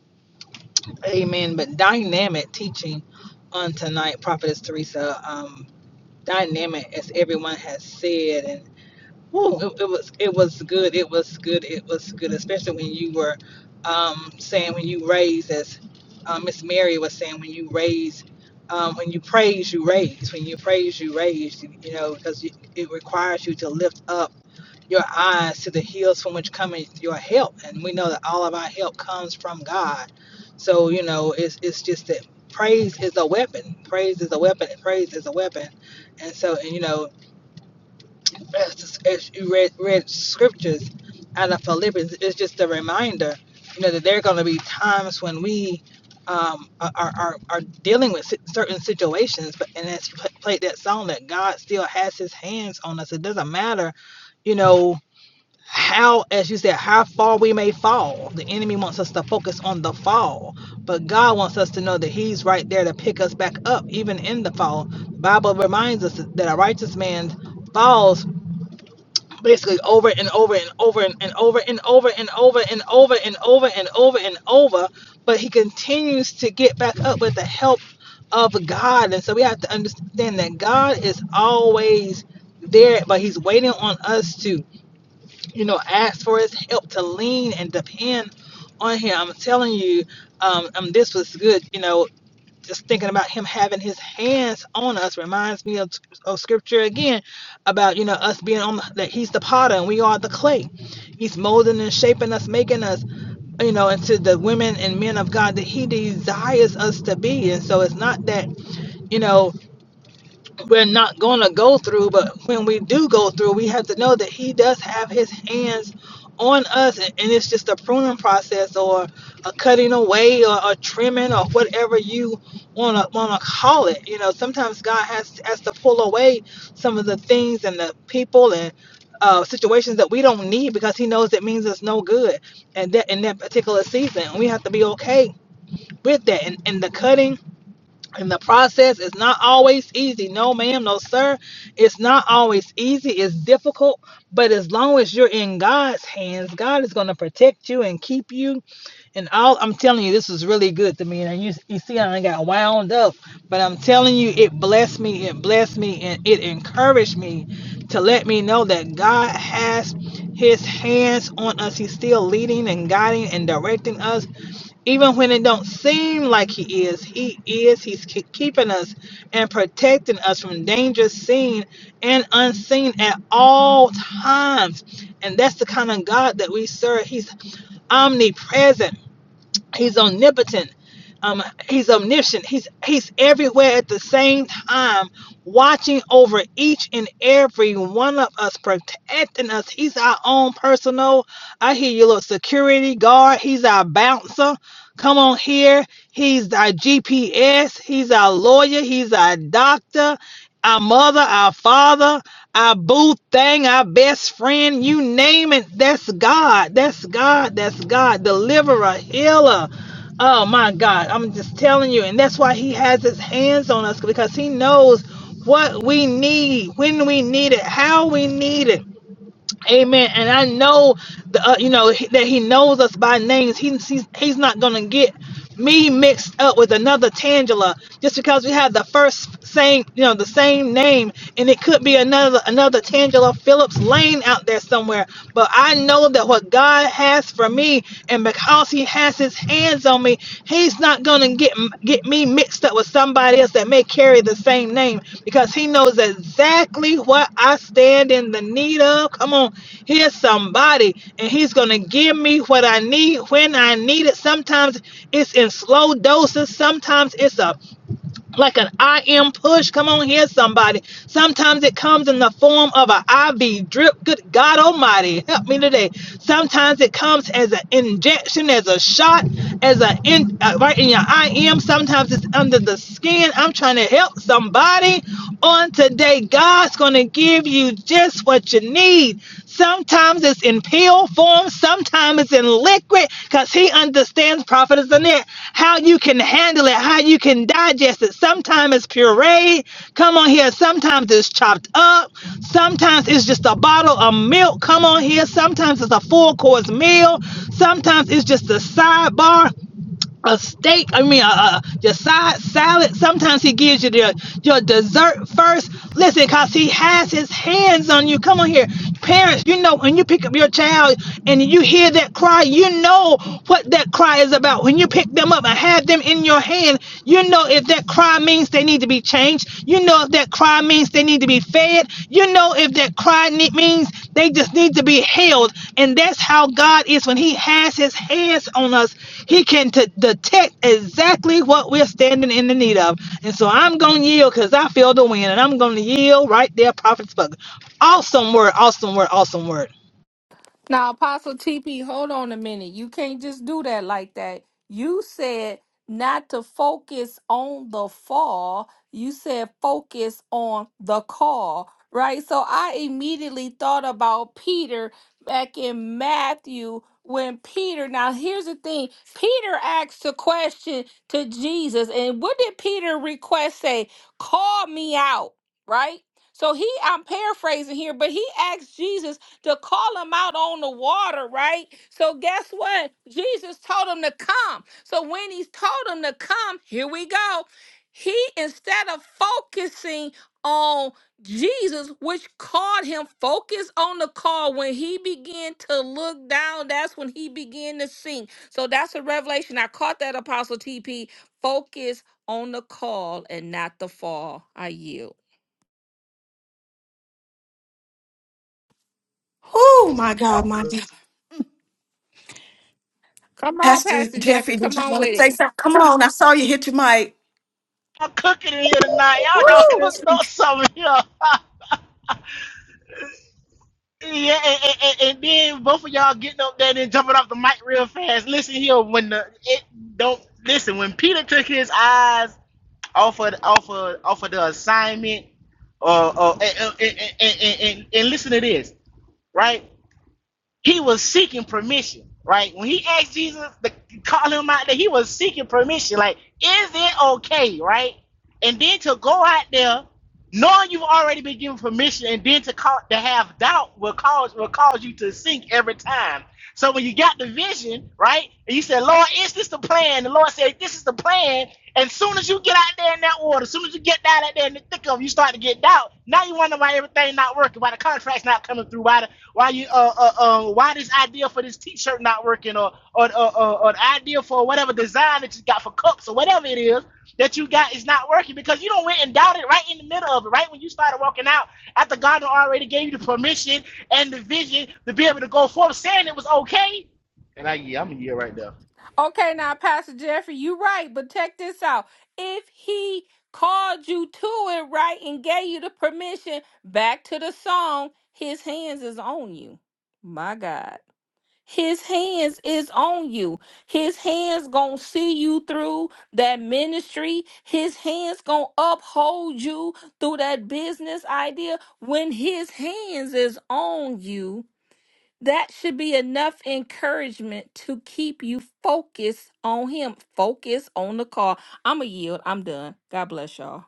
Amen. But dynamic teaching on tonight, Prophetess Teresa. Um, dynamic, as everyone has said, And. Whew, it, it was it was good. It was good. It was good, especially when you were um, saying when you raise, as uh, Miss Mary was saying, when you raise, um, when you praise, you raise. When you praise, you raise. You, you know, because it requires you to lift up your eyes to the hills from which cometh your help. And we know that all of our help comes from God. So, you know, it's, it's just that praise is a weapon. Praise is a weapon. Praise is a weapon. And so, and you know, as, as you read, read scriptures out of Philippians, it's just a reminder, you know, that there are going to be times when we um, are, are, are dealing with si- certain situations. But and as you played that song, that God still has His hands on us. It doesn't matter, you know, how, as you said, how far we may fall. The enemy wants us to focus on the fall, but God wants us to know that He's right there to pick us back up, even in the fall. The Bible reminds us that a righteous man falls basically over and over and over and, and over and over and over and over and over and over and over, but he continues to get back up with the help of God. And so we have to understand that God is always there, but he's waiting on us to, you know, ask for his help, to lean and depend on him. I'm telling you, um, um this was good, you know, just thinking about him having his hands on us reminds me of, of scripture again about you know us being on the, that he's the potter and we are the clay he's molding and shaping us making us you know into the women and men of god that he desires us to be and so it's not that you know we're not going to go through, but when we do go through, we have to know that He does have His hands on us, and, and it's just a pruning process or a cutting away or a trimming or whatever you wanna wanna call it. You know, sometimes God has has to pull away some of the things and the people and uh, situations that we don't need because He knows it means it's no good, and that in that particular season, we have to be okay with that. And and the cutting and the process is not always easy. No, ma'am, no, sir. It's not always easy. It's difficult. But as long as you're in God's hands, God is going to protect you and keep you. And all I'm telling you, this was really good to me. And you, you see, I got wound up. But I'm telling you, it blessed me. It blessed me. And it encouraged me to let me know that God has his hands on us. He's still leading and guiding and directing us. Even when it don't seem like he is, he is. He's ke- keeping us and protecting us from danger seen and unseen at all times. And that's the kind of God that we serve. He's omnipresent. He's omnipotent. Um, he's omniscient. He's he's everywhere at the same time, watching over each and every one of us, protecting us. He's our own personal. I hear you, little security guard. He's our bouncer. Come on here. He's our GPS. He's our lawyer. He's our doctor our mother, our father, our boo thing, our best friend, you name it. That's God. That's God. That's God. Deliverer, healer. Oh my God. I'm just telling you. And that's why he has his hands on us because he knows what we need, when we need it, how we need it. Amen. And I know, the, uh, you know, he- that He knows us by names. He, he's He's not gonna get me mixed up with another Tangela just because we have the first same, you know, the same name, and it could be another another Tangela Phillips Lane out there somewhere. But I know that what God has for me, and because because he has his hands on me, he's not gonna get get me mixed up with somebody else that may carry the same name because he knows exactly what I stand in the need of. Come on, here's somebody, and he's gonna give me what I need when I need it. Sometimes it's in slow doses, sometimes it's a like an I am push. Come on here, somebody. Sometimes it comes in the form of an IV drip. Good God Almighty, help me today. Sometimes it comes as an injection, as a shot, as a in, uh, right in your I am. Sometimes it's under the skin. I'm trying to help somebody on today. God's going to give you just what you need. Sometimes it's in pill form, sometimes it's in liquid, because he understands prophet is in it, how you can handle it, how you can digest it. Sometimes it's puree. Come on here. Sometimes it's chopped up. Sometimes it's just a bottle of milk. Come on here. Sometimes it's a full course meal. Sometimes it's just a sidebar a steak. I mean, a, a, your side salad. Sometimes he gives you your, your dessert first. Listen, cause he has his hands on you. Come on here, parents. You know when you pick up your child and you hear that cry, you know what that cry is about. When you pick them up and have them in your hand, you know if that cry means they need to be changed. You know if that cry means they need to be fed. You know if that cry ne- means they just need to be held. And that's how God is when He has His hands on us. He can t- detect exactly what we're standing in the need of. And so I'm going to yield because I feel the wind. And I'm going to yield right there, Prophet Bug. Awesome word, awesome word, awesome word.
Now, Apostle TP, hold on a minute. You can't just do that like that. You said not to focus on the fall, you said focus on the call, right? So I immediately thought about Peter back in Matthew when Peter, now here's the thing Peter asked a question to Jesus, and what did Peter request say? Call me out, right? So he, I'm paraphrasing here, but he asked Jesus to call them out on the water, right? So guess what? Jesus told them to come. So when he's told them to come, here we go. He instead of focusing on Jesus, which called him focus on the call, when he began to look down, that's when he began to sink. So that's a revelation. I caught that apostle TP. Focus on the call and not the fall. I yield.
Oh, my God,
Y'all
my God.
Come
Pastor,
on, Pastor Jeffrey. Come on with it.
cooking in here tonight. Y'all don't cook no something here. Yeah, and, and, and- and then both of y'all getting up there and then jumping off the mic real fast. Listen here, when the it don't listen when Peter took his eyes off of off of off of the assignment, uh, uh and, and, and, and, and and listen to this, right? he was seeking permission, right? When he asked Jesus to call him out there, he was seeking permission. Like, is it okay, right? And then to go out there, knowing you've already been given permission, and then to call to have doubt will cause will cause you to sink every time. So when you got the vision, right, and you said, Lord, is this the plan? The Lord said, This is the plan. And soon as you get out there in that water, as soon as you get down out there in the thick of it, you start to get doubt. Now you wonder why everything not working, why the contract's not coming through, why the why you uh, uh uh why this idea for this T-shirt not working or or or, or, or the idea for whatever design that you got for cups or whatever it is that you got is not working because you don't went and doubted right in the middle of it right when you started walking out after God already gave you the permission and the vision to be able to go forth saying it was okay. And I yeah I'm a year right there.
Okay, now, Pastor Jeffrey, you are right, but check this out. If he called you to it, right, and gave you the permission back to the song, his hands is on you. My God. His hands is on you. His hands gonna see you through that ministry. His hands gonna uphold you through that business idea. When his hands is on you, that should be enough encouragement to keep you focused on him. Focus on the call. I'm a yield. I'm done. God bless y'all.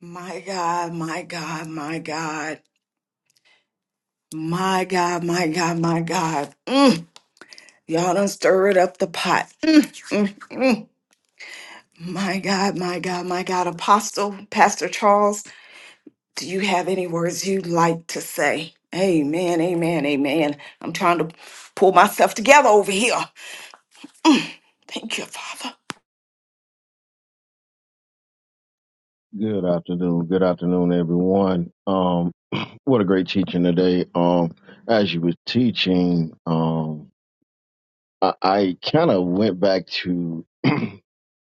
my God, my God, my God, my God, my God, my God. Mm. Y'all done stirred up the pot. Mm, mm, mm. My God, my God, my God. Apostle, Pastor Charles, do you have any words you'd like to say? Amen, amen, amen. I'm trying to pull myself together over here. Thank you, Father.
Good afternoon. Good afternoon, everyone. Um, what a great teaching today. Um, as you were teaching, um, I, I kind of went back to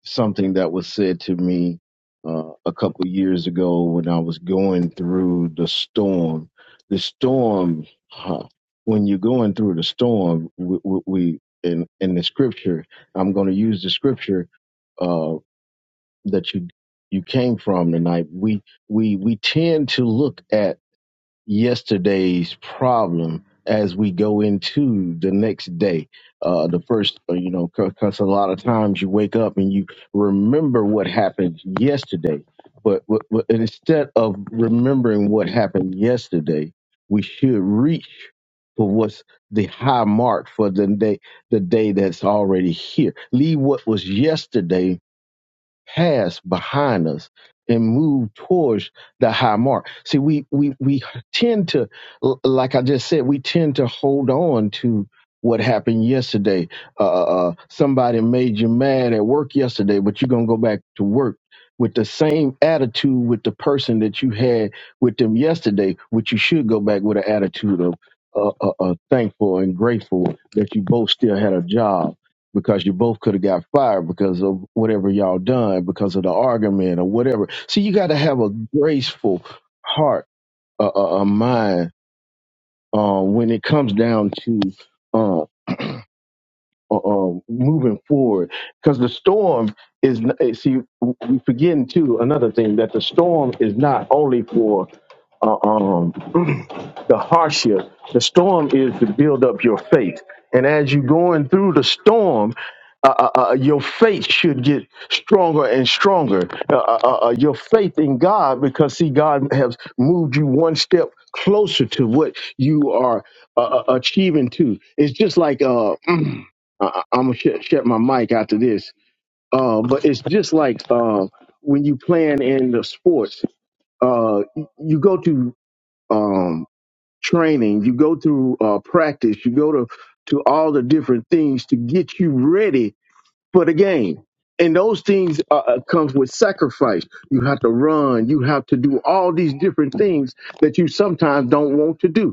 something that was said to me uh, a couple years ago when I was going through the storm. The storm, huh, when you're going through the storm, we, we, we in in the scripture, I'm going to use the scripture. uh, that you you came from tonight we we we tend to look at yesterday's problem as we go into the next day uh the first uh, you know because a lot of times you wake up and you remember what happened yesterday but, but, but instead of remembering what happened yesterday we should reach for what's the high mark for the day the day that's already here leave what was yesterday Pass behind us and move towards the high mark. See, we we we tend to, l- like I just said, we tend to hold on to what happened yesterday. Uh, uh, uh, somebody made you mad at work yesterday, but you're gonna go back to work with the same attitude with the person that you had with them yesterday, which you should go back with an attitude of. Uh, uh, uh, thankful and grateful that you both still had a job because you both could have got fired because of whatever y'all done because of the argument or whatever. So you got to have a graceful heart, a, a, a mind uh, when it comes down to. um, uh, um, moving forward because the storm is n- eh, see we forgetting too another thing that the storm is not only for uh, um, the hardship the storm is to build up your faith and as you're going through the storm uh, uh, uh, your faith should get stronger and stronger. Uh, uh, uh, uh, your faith in God, because see, God has moved you one step closer to what you are uh, uh, achieving to. It's just like uh, I, I'm gonna shut shut my mic after this. Uh, but it's just like uh, when you playing in the sports, uh, y- you go to um, training, you go through uh, practice, you go to to all the different things to get you ready for the game. And those things uh, uh, comes with sacrifice. You have to run. You have to do all these different things that you sometimes don't want to do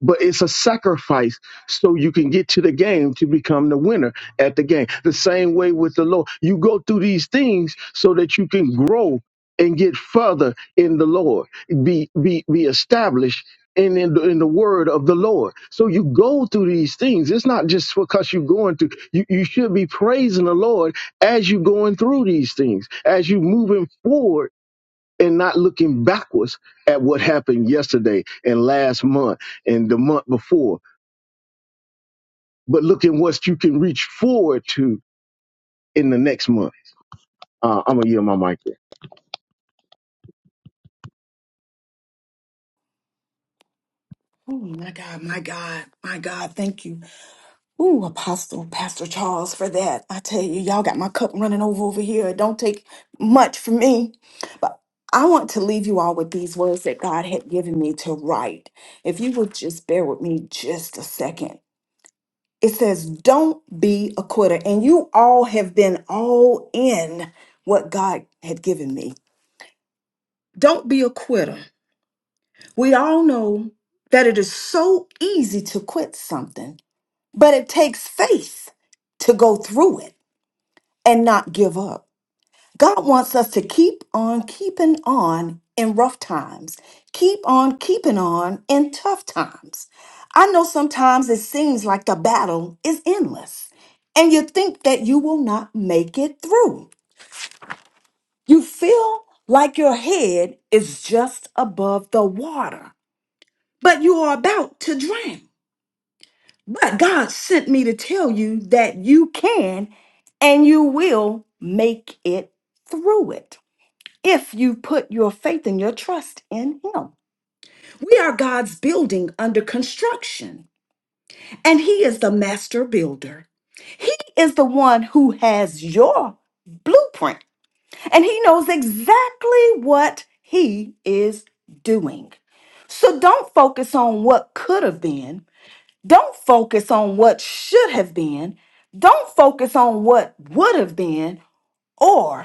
but it's a sacrifice so you can get to the game to become the winner at the game. The same way with the Lord. You go through these things so that you can grow and get further in the Lord, be be be established in in the, in the word of the Lord. So you go through these things. It's not just because you're going through. You you should be praising the Lord as you're going through these things, as you're moving forward and not looking backwards at what happened yesterday and last month and the month before, but looking what you can reach forward to in the next month. Uh, I'm gonna yield my mic there.
Oh, my God, my God, my God. Thank you. Ooh, Apostle Pastor Charles for that. I tell you, y'all got my cup running over over here. It don't take much for me. But I want to leave you all with these words that God had given me to write. If you would just bear with me just a second. It says, Don't be a quitter. And you all have been all in what God had given me. Don't be a quitter. We all know that it is so easy to quit something, but it takes faith to go through it. and not give up. God wants us to keep on keeping on in rough times, keep on keeping on in tough times. I know sometimes it seems like the battle is endless, and you think that you will not make it through. You feel like your head is just above the water, but you are about to drown. But God sent me to tell you that you can and you will make it through it. if you put your faith and your trust in Him. We are God's building under construction, and He is the master builder. He is the one who has your blueprint, and He knows exactly what He is doing. So don't focus on what could have been. Don't focus on what should have been. Don't focus on what would have been or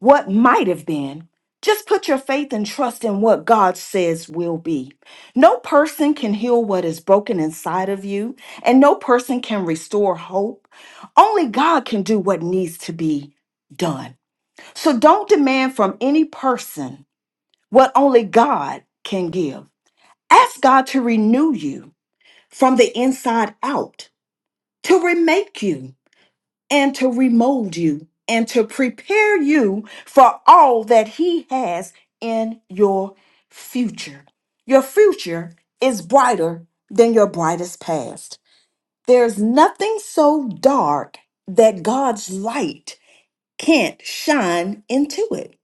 what might have been. Just put your faith and trust in what God says will be. No person can heal what is broken inside of you, and no person can restore hope. Only God can do what needs to be done. So don't demand from any person what only God can give. Ask God to renew you from the inside out, to remake you, and to remold you and to prepare you for all that He has in your future. Your future is brighter than your brightest past. There's nothing so dark that God's light can't shine into it.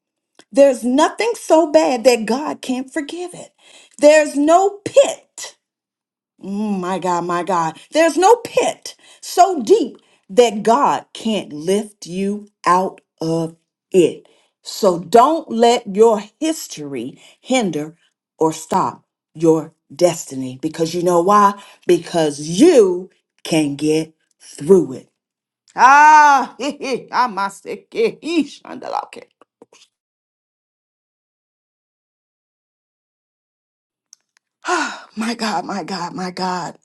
There's nothing so bad that God can't forgive it. There's no pit Mm, my God, my God. There's no pit so deep that God can't lift you out of it. So don't let your history hinder or stop your destiny because you know why? Because you can get through it. Ah, I'm my sick. eh, eesh, andalake. Ah, My God, my God, my God.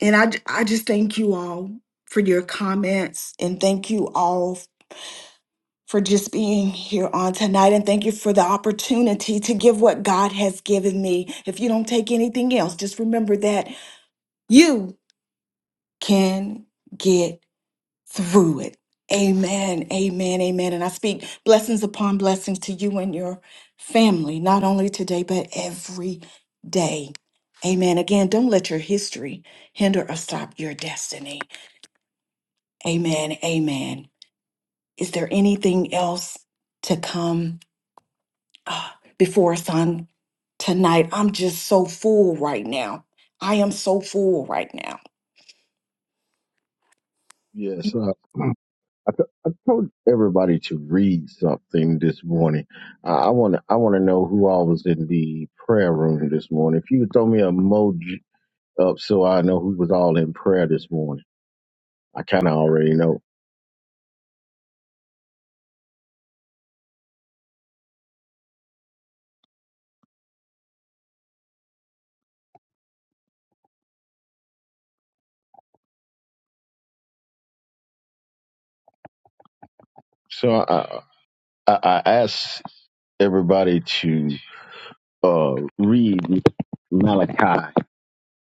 And I, ju- I just thank you all for your comments and thank you all for just being here on tonight and thank you for the opportunity to give what God has given me. If you don't take anything else, just remember that you can get through it. Amen, amen, amen. And I speak blessings upon blessings to you and your family, not only today, but every day. Amen. Again, don't let your history hinder or stop your destiny. Amen, amen. Is there anything else to come? uh, before us on tonight. I'm just so full right now. I am so full right now.
Yes, uh, I, t- I told everybody to read something this morning. Uh, I want to I want to know who all was in the prayer room this morning. If you could throw me a emoji up so I know who was all in prayer this morning. I kind of already know. So I, I I asked everybody to. uh, read Malachi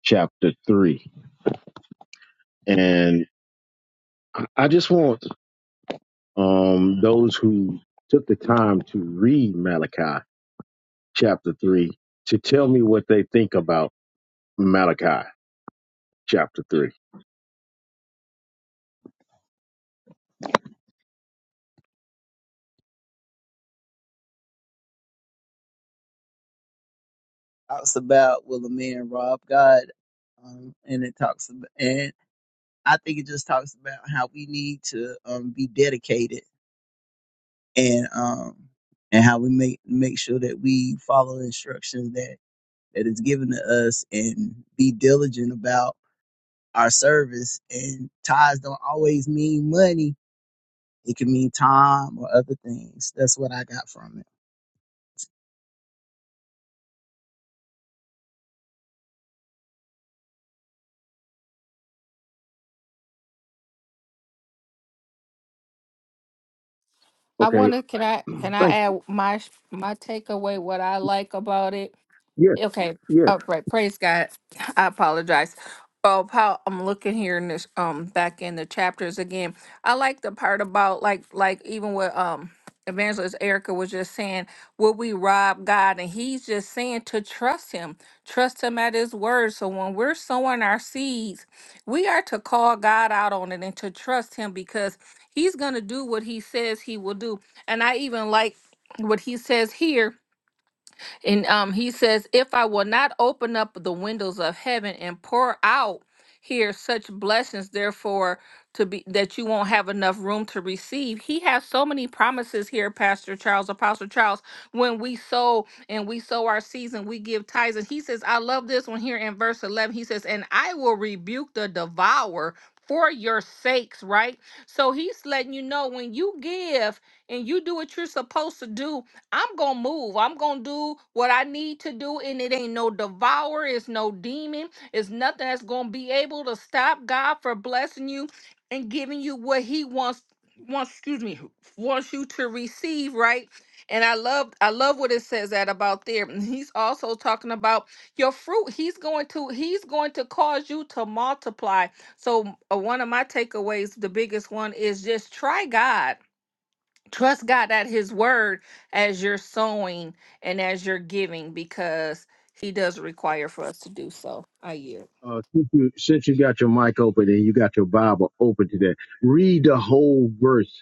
chapter 3. And I I just want um, those who took the time to read Malachi chapter 3 to tell me what they think about Malachi chapter 3.
Talks about will a man rob God, um, and it talks about, and I think it just talks about how we need to um, be dedicated and um, and how we make make sure that we follow instructions that. that is given to us and be diligent about our service. And ties don't always mean money. It can mean time or other things. That's what I got from
I
Okay.
want to can I can I
Thank
add my my takeaway what I like about it
you. Yes,
Okay.
yes.
Oh, right. Praise God. I apologize. Oh, Paul, I'm looking here in this um back in the chapters again. I like the part about like like even what um evangelist Erica was just saying, will we rob God? And he's just saying to trust him, trust him at his word. So when we're sowing our seeds, we are to call God out on it and to trust him because he's gonna do what he says he will do. And I even like what he says here and um, he says, If I will not open up the windows of heaven and pour out here such blessings, therefore, to be that you won't have enough room to receive. He has so many promises here, Pastor Charles, Apostle Charles. When we sow and we sow our seeds and we give tithes, and he says, I love this one here in verse 11. He says, And I will rebuke the devourer for your sakes, right? So he's letting you know when you give and you do what you're supposed to do, I'm gonna move. I'm gonna do what I need to do, and it ain't no devourer, it's no demon, it's nothing that's gonna be able to stop God for blessing you and giving you what He wants wants excuse me wants you to receive, right? And I love I love what it says that about there. And he's also talking about your fruit. He's going to he's going to cause you to multiply. So uh, one of my takeaways, the biggest one, is just try God trust God at His word as you're sowing and as you're giving because He does require for us to do so. I yield.
Uh, since, you, since you got your mic open and you got your Bible open today, read the whole verse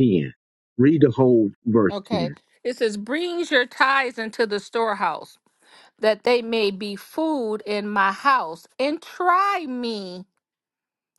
10. Read the whole verse
Okay.
10.
It says, brings your tithes into the storehouse, that they may be food in my house, and try me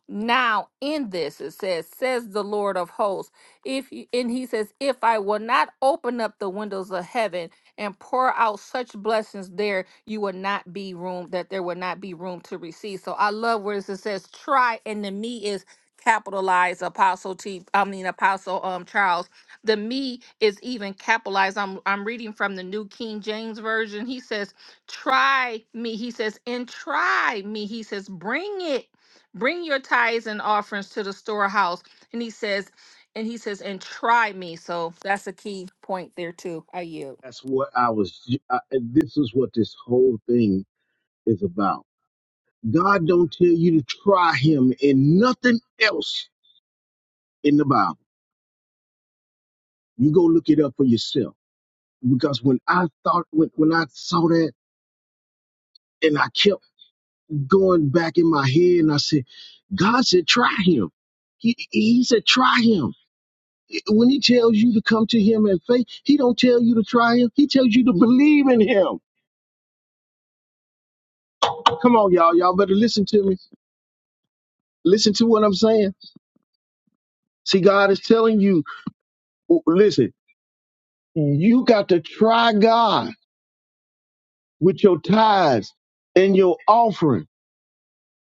Now in this it says, says the Lord of hosts. If you, and he says, if I will not open up the windows of heaven and pour out such blessings there, you will not be room that there will not be room to receive. So I love where it says, try and the me is capitalized apostle t i mean apostle um charles the me is even capitalized i'm i'm reading from the new king james version he says try me he says and try me he says bring it Bring your tithes and offerings to the storehouse. And he says, and he says, and try me. So that's a key point there too. I yield.
That's what I was, I, this is what this whole thing is about. God don't tell you to try him and nothing else in the Bible. You go look it up for yourself. Because when I thought when, when I saw that and I kept going back in my head and I said, God said try him. He he said try him. When he tells you to come to him in faith, he don't tell you to try him. He tells you to believe in him. Come on, y'all. Y'all better listen to me. Listen to what I'm saying. See, God is telling you, listen, you got to try God with your tithes and your offering.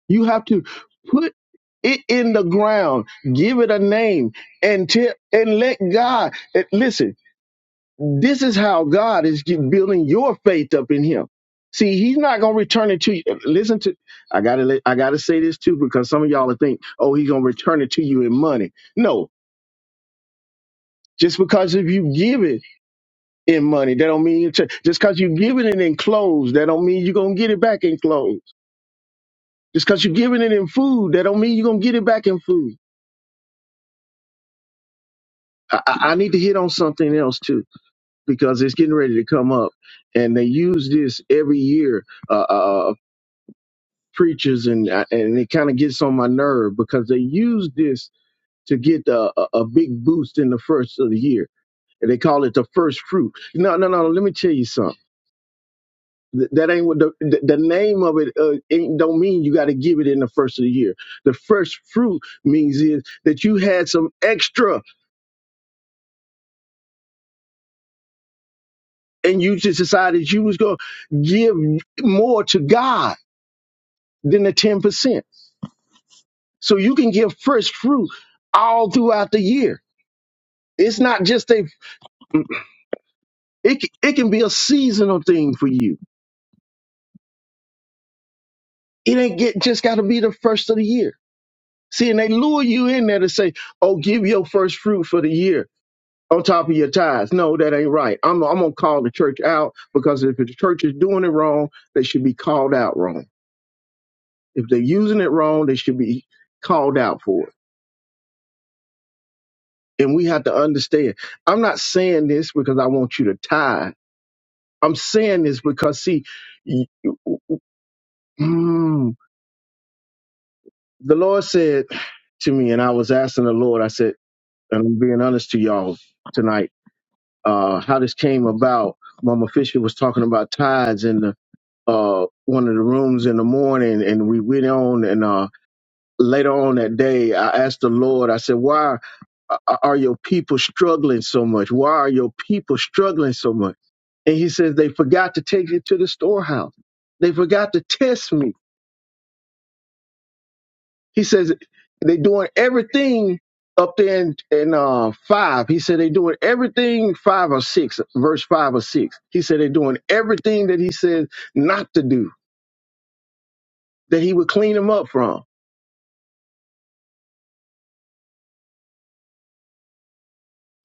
You have to put it in the ground, give it a name, and tell, and let God and listen. This is how God is ge- building your faith up in Him. See, He's not gonna return it to you. Listen to, I gotta let- I gotta say this too because some of y'all will think, oh, He's gonna return it to you in money. No, just because if you give it in money, that don't mean it's- just because you giving it in clothes, that don't mean you're gonna get it back in clothes Just because you're giving it in food, that don't mean you're gonna get it back in food. I, I I need to hit on something else too because it's getting ready to come up, and they use this every year. Uh, uh, uh, preachers and uh, and it kind of gets on my nerve because they use this to get a, a a big boost in the first of the year, and they call it the first fruit. No, no, no. Let me tell you something. Th- That ain't what the, the the name of it uh, ain't, don't mean you got to give it in the first of the year. The first fruit means is that you had some extra and you just decided you was going to give more to God than the 10%. So you can give first fruit all throughout the year. It's not just a it c- it can be a seasonal thing for you. It ain't get just got to be the first of the year. See, and they lure you in there to say, "Oh, give your first fruit for the year on top of your tithes." No, that ain't right. I'm I'm gonna call the church out because if the church is doing it wrong, they should be called out wrong. If they're using it wrong, they should be called out for it. And we have to understand. I'm not saying this because I want you to tithe. I'm saying this because, see, y- mm, the Lord said to me, and I was asking the Lord, I said, and I'm being honest to y'all tonight, uh, how this came about. Mama Fisher was talking about tides in the, uh, one of the rooms in the morning, and we went on, and uh, later on that day, I asked the Lord, I said, why a- are your people struggling so much? Why are your people struggling so much? And he says, they forgot to take it to the storehouse. They forgot to test me. He says, they're doing everything up there in, in uh, five. He said, they're doing everything five or six, verse five or six. He said, they're doing everything that he says not to do, that he would clean them up from.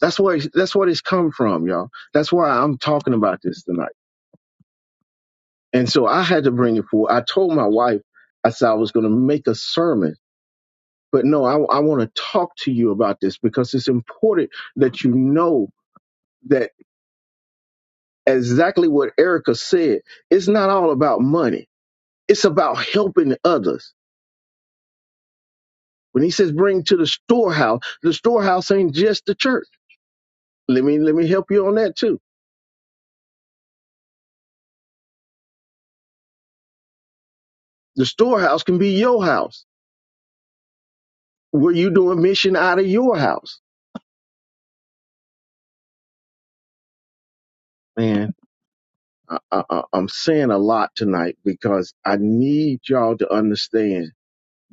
That's where, that's what it's come from, y'all. That's why I'm talking about this tonight. And so I had to bring it forward. I told my wife, I said I was going to make a sermon, but no, I, I want to talk to you about this because it's important that you know that exactly what Erica said, it's not all about money. It's about helping others. When he says bring to the storehouse, the storehouse ain't just the church. Let me, let me help you on that too. The storehouse can be your house where you doing mission out of your house. man. I, I, I'm saying a lot tonight because I need y'all to understand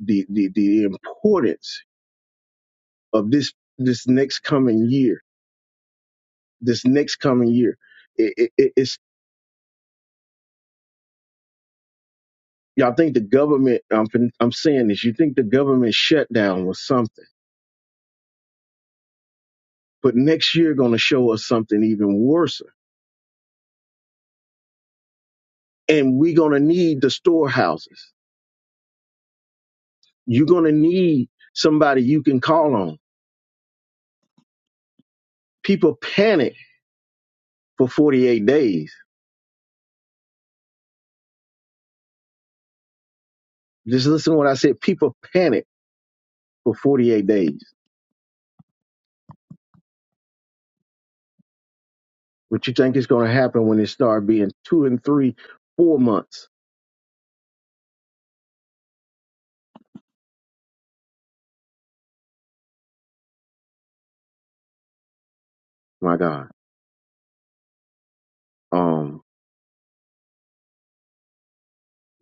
the, the, the importance of this this next coming year. This next coming year, it, it, it- it's y'all think the government. I'm fin- I'm saying this. You think the government shutdown was something, but next year going to show us something even worse. And we're going to need the storehouses. You're going to need somebody you can call on. People panic for 48 days. Just listen to what I said. People panic for 48 days. What you think is going to happen when it start being two and three, four months? My God. Um,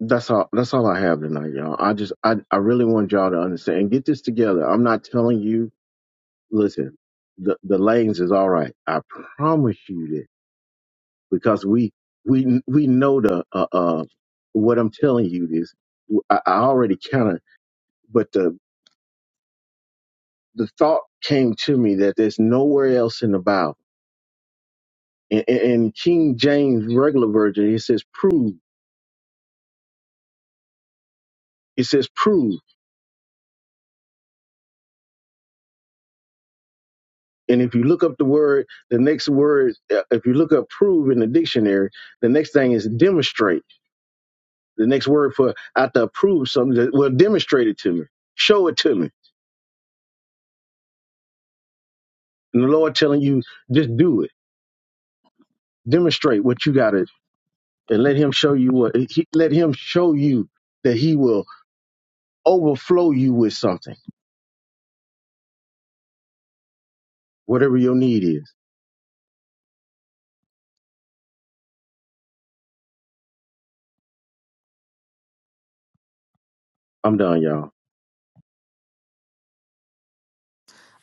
that's all, that's all I have tonight, y'all. I just, I, I really want y'all to understand and get this together. I'm not telling you, listen, the, the lanes is all right. I promise you that because we, we, we know the, uh, uh, what I'm telling you is I, I already kind of, but the, the thought came to me that there's nowhere else in the Bible In, in King James regular version, it says prove. It says prove. And if you look up the word, the next word, uh, if you look up prove in the dictionary, the next thing is demonstrate. The next word for after to prove something, that, well, demonstrate it to me. Show it to me. And the Lord telling you, just do it. Demonstrate what you got to, and let Him show you what, he, let Him show you that He will overflow you with something, whatever your need is. I'm done, y'all.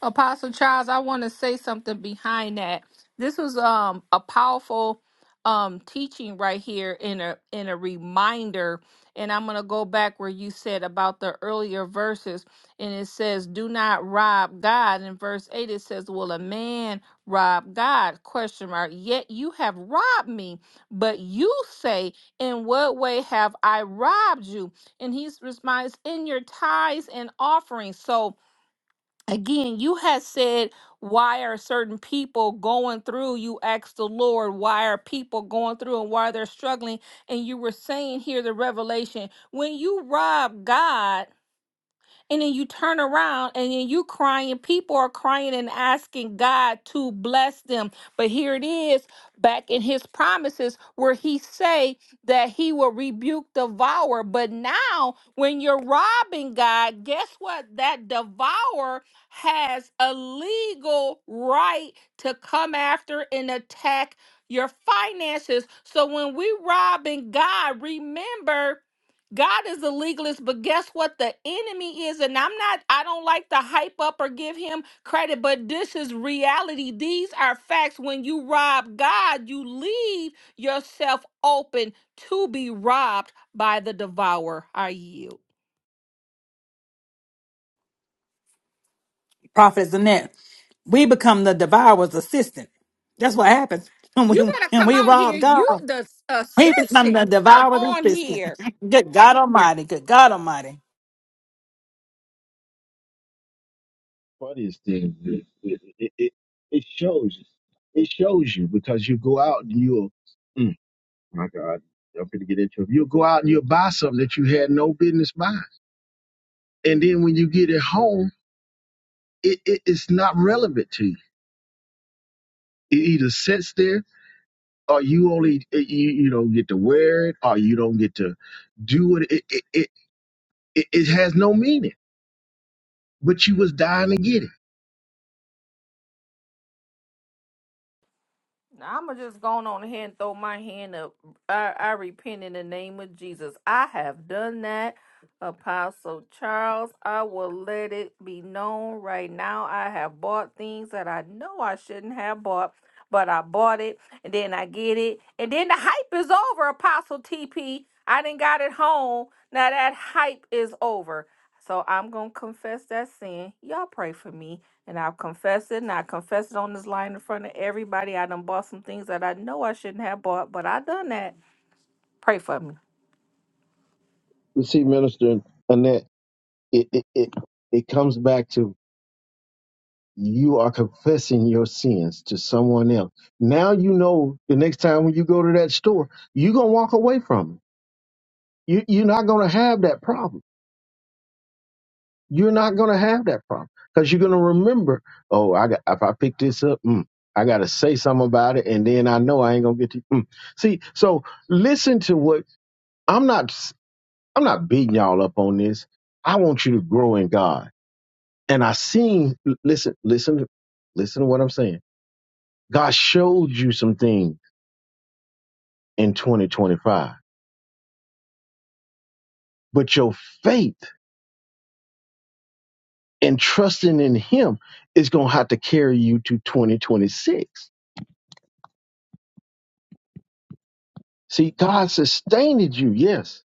Apostle Charles, I want to say something behind that. This was um a powerful um teaching right here in a in a reminder and I'm going to go back where you said about the earlier verses and it says do not rob God in verse 8 it says will a man rob God question mark yet you have robbed me but you say in what way have I robbed you and he responds in your tithes and offerings so again you had said why are certain people going through you asked the lord why are people going through and why they're struggling and you were saying here the revelation when you rob god and then you turn around and then you crying people are crying and asking god to bless them but here it is back in his promises where he say that he will rebuke devourer. but now when you're robbing god guess what that devourer has a legal right to come after and attack your finances so when we robbing god remember God is a legalist, but guess what? The enemy is, and I'm not, I don't like to hype up or give him credit, but this is reality. These are facts. When you rob God, you leave yourself open to be robbed by the devourer. I yield.
Prophet Zanette, we become the devourer's assistant. That's what happens when
You
we
better
when
come
we
on here.
rob
You,
God.
the
He become
assistant,
the
come
devourer of
on
the system.
here.
Good God Almighty. Good God Almighty.
funniest thing is it, it, it, it shows It shows you because you go out and you'll, mm, my God, I'm going to get into it. You'll go out and you'll buy something that you had no business buying. And then when you get it home, it, it, it's not relevant to you. It either sits there or you only, eh, you, you don't get to wear it or you don't get to do it. It, it, it, it, it has no meaning, but you was dying to get it.
I'm going to just going on ahead and throw my hand up. I, I repent in the name of Jesus. I have done that, Apostle Charles. I will let it be known right now. I have bought things that I know I shouldn't have bought, but I bought it and then I get it. And then the hype is over, Apostle TP. I didn't got it home. Now that hype is over. So I'm going to confess that sin. Y'all pray for me. And I'll confess it. And I confess it on this line in front of everybody. I done bought some things that I know I shouldn't have bought, but I done that. Pray for me.
You see, Minister Annette, it, it, it, it comes back to you are confessing your sins to someone else. Now you know the next time when you go to that store, you're gonna walk away from it. You you're not gonna have that problem. You're not gonna have that problem because you're gonna remember. Oh, I got if I pick this up, mm, I gotta say something about it, and then I know I ain't gonna get to. Mm. See, so listen to what I'm not. I'm not beating y'all up on this. I want you to grow in God, and I seen. Listen, listen, listen to what I'm saying God showed you some things in 2025, but your faith and trusting in Him is going to have to carry you to 2026. See, God sustained you, yes,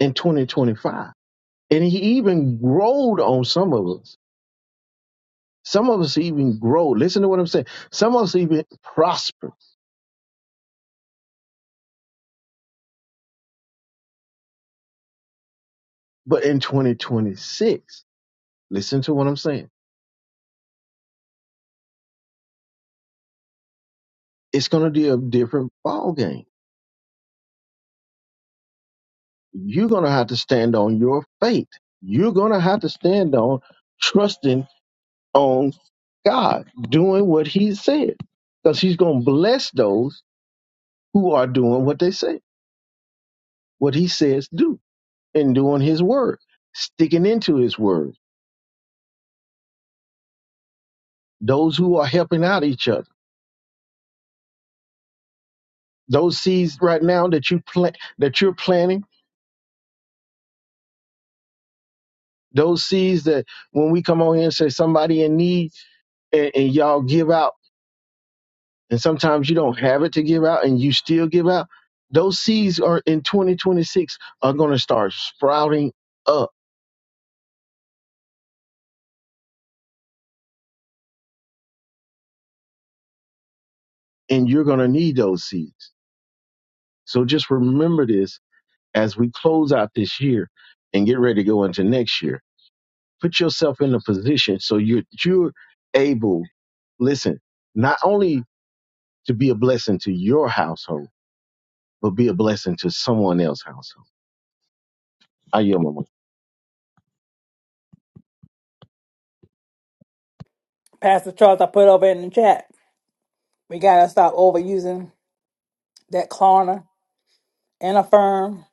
in 2025. And He even growed on some of us. Some of us even grow. Listen to what I'm saying. Some of us even prosper. But in 2026, listen to what I'm saying. It's going to be a different ballgame you're going to have to stand on your faith. You're going to have to stand on trusting on God, doing what He said, because He's going to bless those who are doing what they say, what He says do, and doing His word, sticking into His word. Those who are helping out each other, those seeds right now that you plant, that you're planting, those seeds that when we come on here and say somebody in need, and, and y'all give out and sometimes you don't have it to give out and you still give out those seeds are in 2026 are going to start sprouting up and you're going to need those seeds so just remember this as we close out this year and get ready to go into next year put yourself in a position so you're you're able listen not only to be a blessing to your household but be a blessing to someone else's household i yield my mic.
Pastor Charles, I put over in the chat. We gotta stop overusing that Klarna and Affirm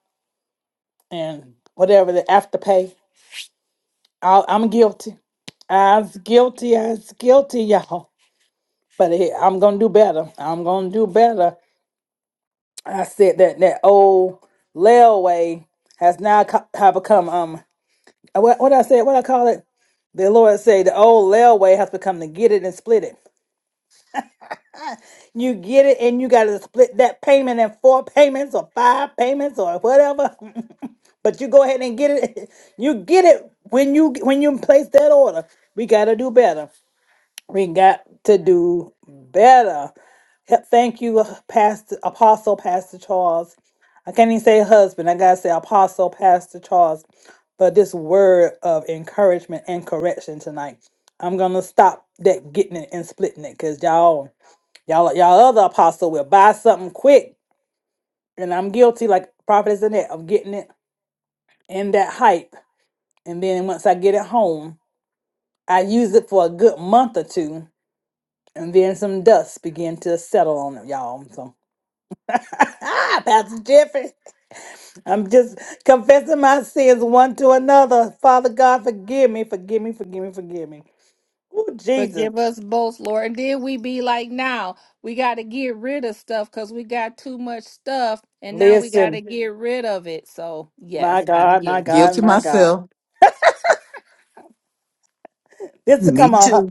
and whatever the afterpay. i I'm guilty. I was guilty. I was guilty, y'all. But it, I'm gonna do better. I'm gonna do better. I said that that old railway has now co- have become um what what I said what I call it. The Lord say the old railway has become the get it and split it. You get it, and you got to split that payment in four payments or five payments or whatever. but you go ahead and get it. You get it when you when you place that order. We got to do better. We got to do better. He- Thank you, uh, Pastor Apostle Pastor Charles. I can't even say husband. I gotta say Apostle Pastor Charles for this word of encouragement and correction tonight. I'm gonna stop that getting it and splitting it because y'all y'all y'all other apostle will buy something quick and i'm guilty like prophets in that of getting it in that hype and then once i get it home i use it for a good month or two And then some dust began to settle on it, y'all. So, Pastor Jeffrey, I'm just confessing my sins one to another. Father God, forgive me, forgive me, forgive me, forgive me. Oh, Jesus.
Forgive us both, Lord. And then we be like, now we got to get rid of stuff because we got too much stuff and now we got to
Listen,
get rid of it. So,
my
yes, I'm
God, my
guilty.
God,
guilty
my God.
myself
it.
This is
Me
come on.
too.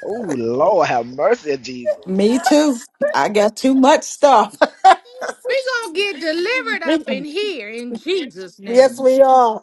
Oh Lord, have mercy, Jesus.
Me too. I got too much stuff.
we going to get delivered up in here in Jesus'
Yes,
name
we are.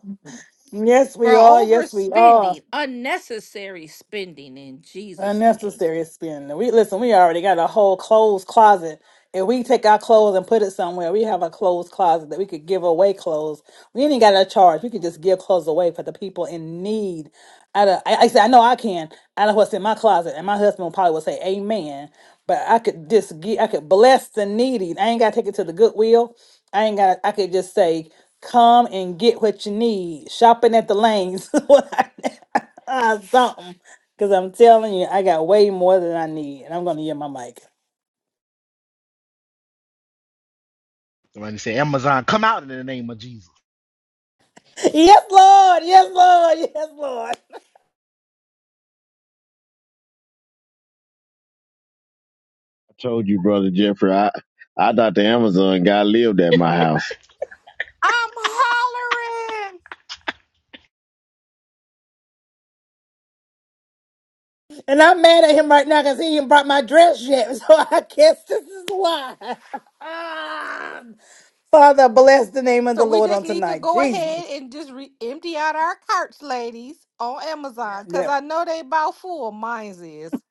Yes,
for
we are. Yes, we are.
overspending, unnecessary spending in Jesus' name.
Unnecessary spending. We listen. We already got a whole clothes closet. If we take our clothes and put it somewhere, we have a clothes closet that we could give away clothes. We ain't got to charge. We could just give clothes away for the people in need. Out of, I, I said, I know I can. Out of what's in my closet, and my husband probably would say, "Amen." But I could just get. I could bless the needy. I ain't got to take it to the Goodwill. I ain't got. I could just say, "Come and get what you need." Shopping at the lanes. something. Because I'm telling you, I got way more than I need, and I'm going to get my mic.
Somebody say Amazon come out in the name of Jesus.
Yes, Lord. Yes, Lord. Yes, Lord.
I told you, brother Jeffrey. I I thought the Amazon guy lived at my house.
I'm hollering.
And I'm mad at him right now because he ain't brought my dress yet. So I guess this is why. Ah. Father, bless the name of
So
the
we
Lord
just
on
need to
tonight.
go ahead
Jesus.
and just re- empty out our carts, ladies, on Amazon, cause
Yeah.
I know they about full. Mine's is.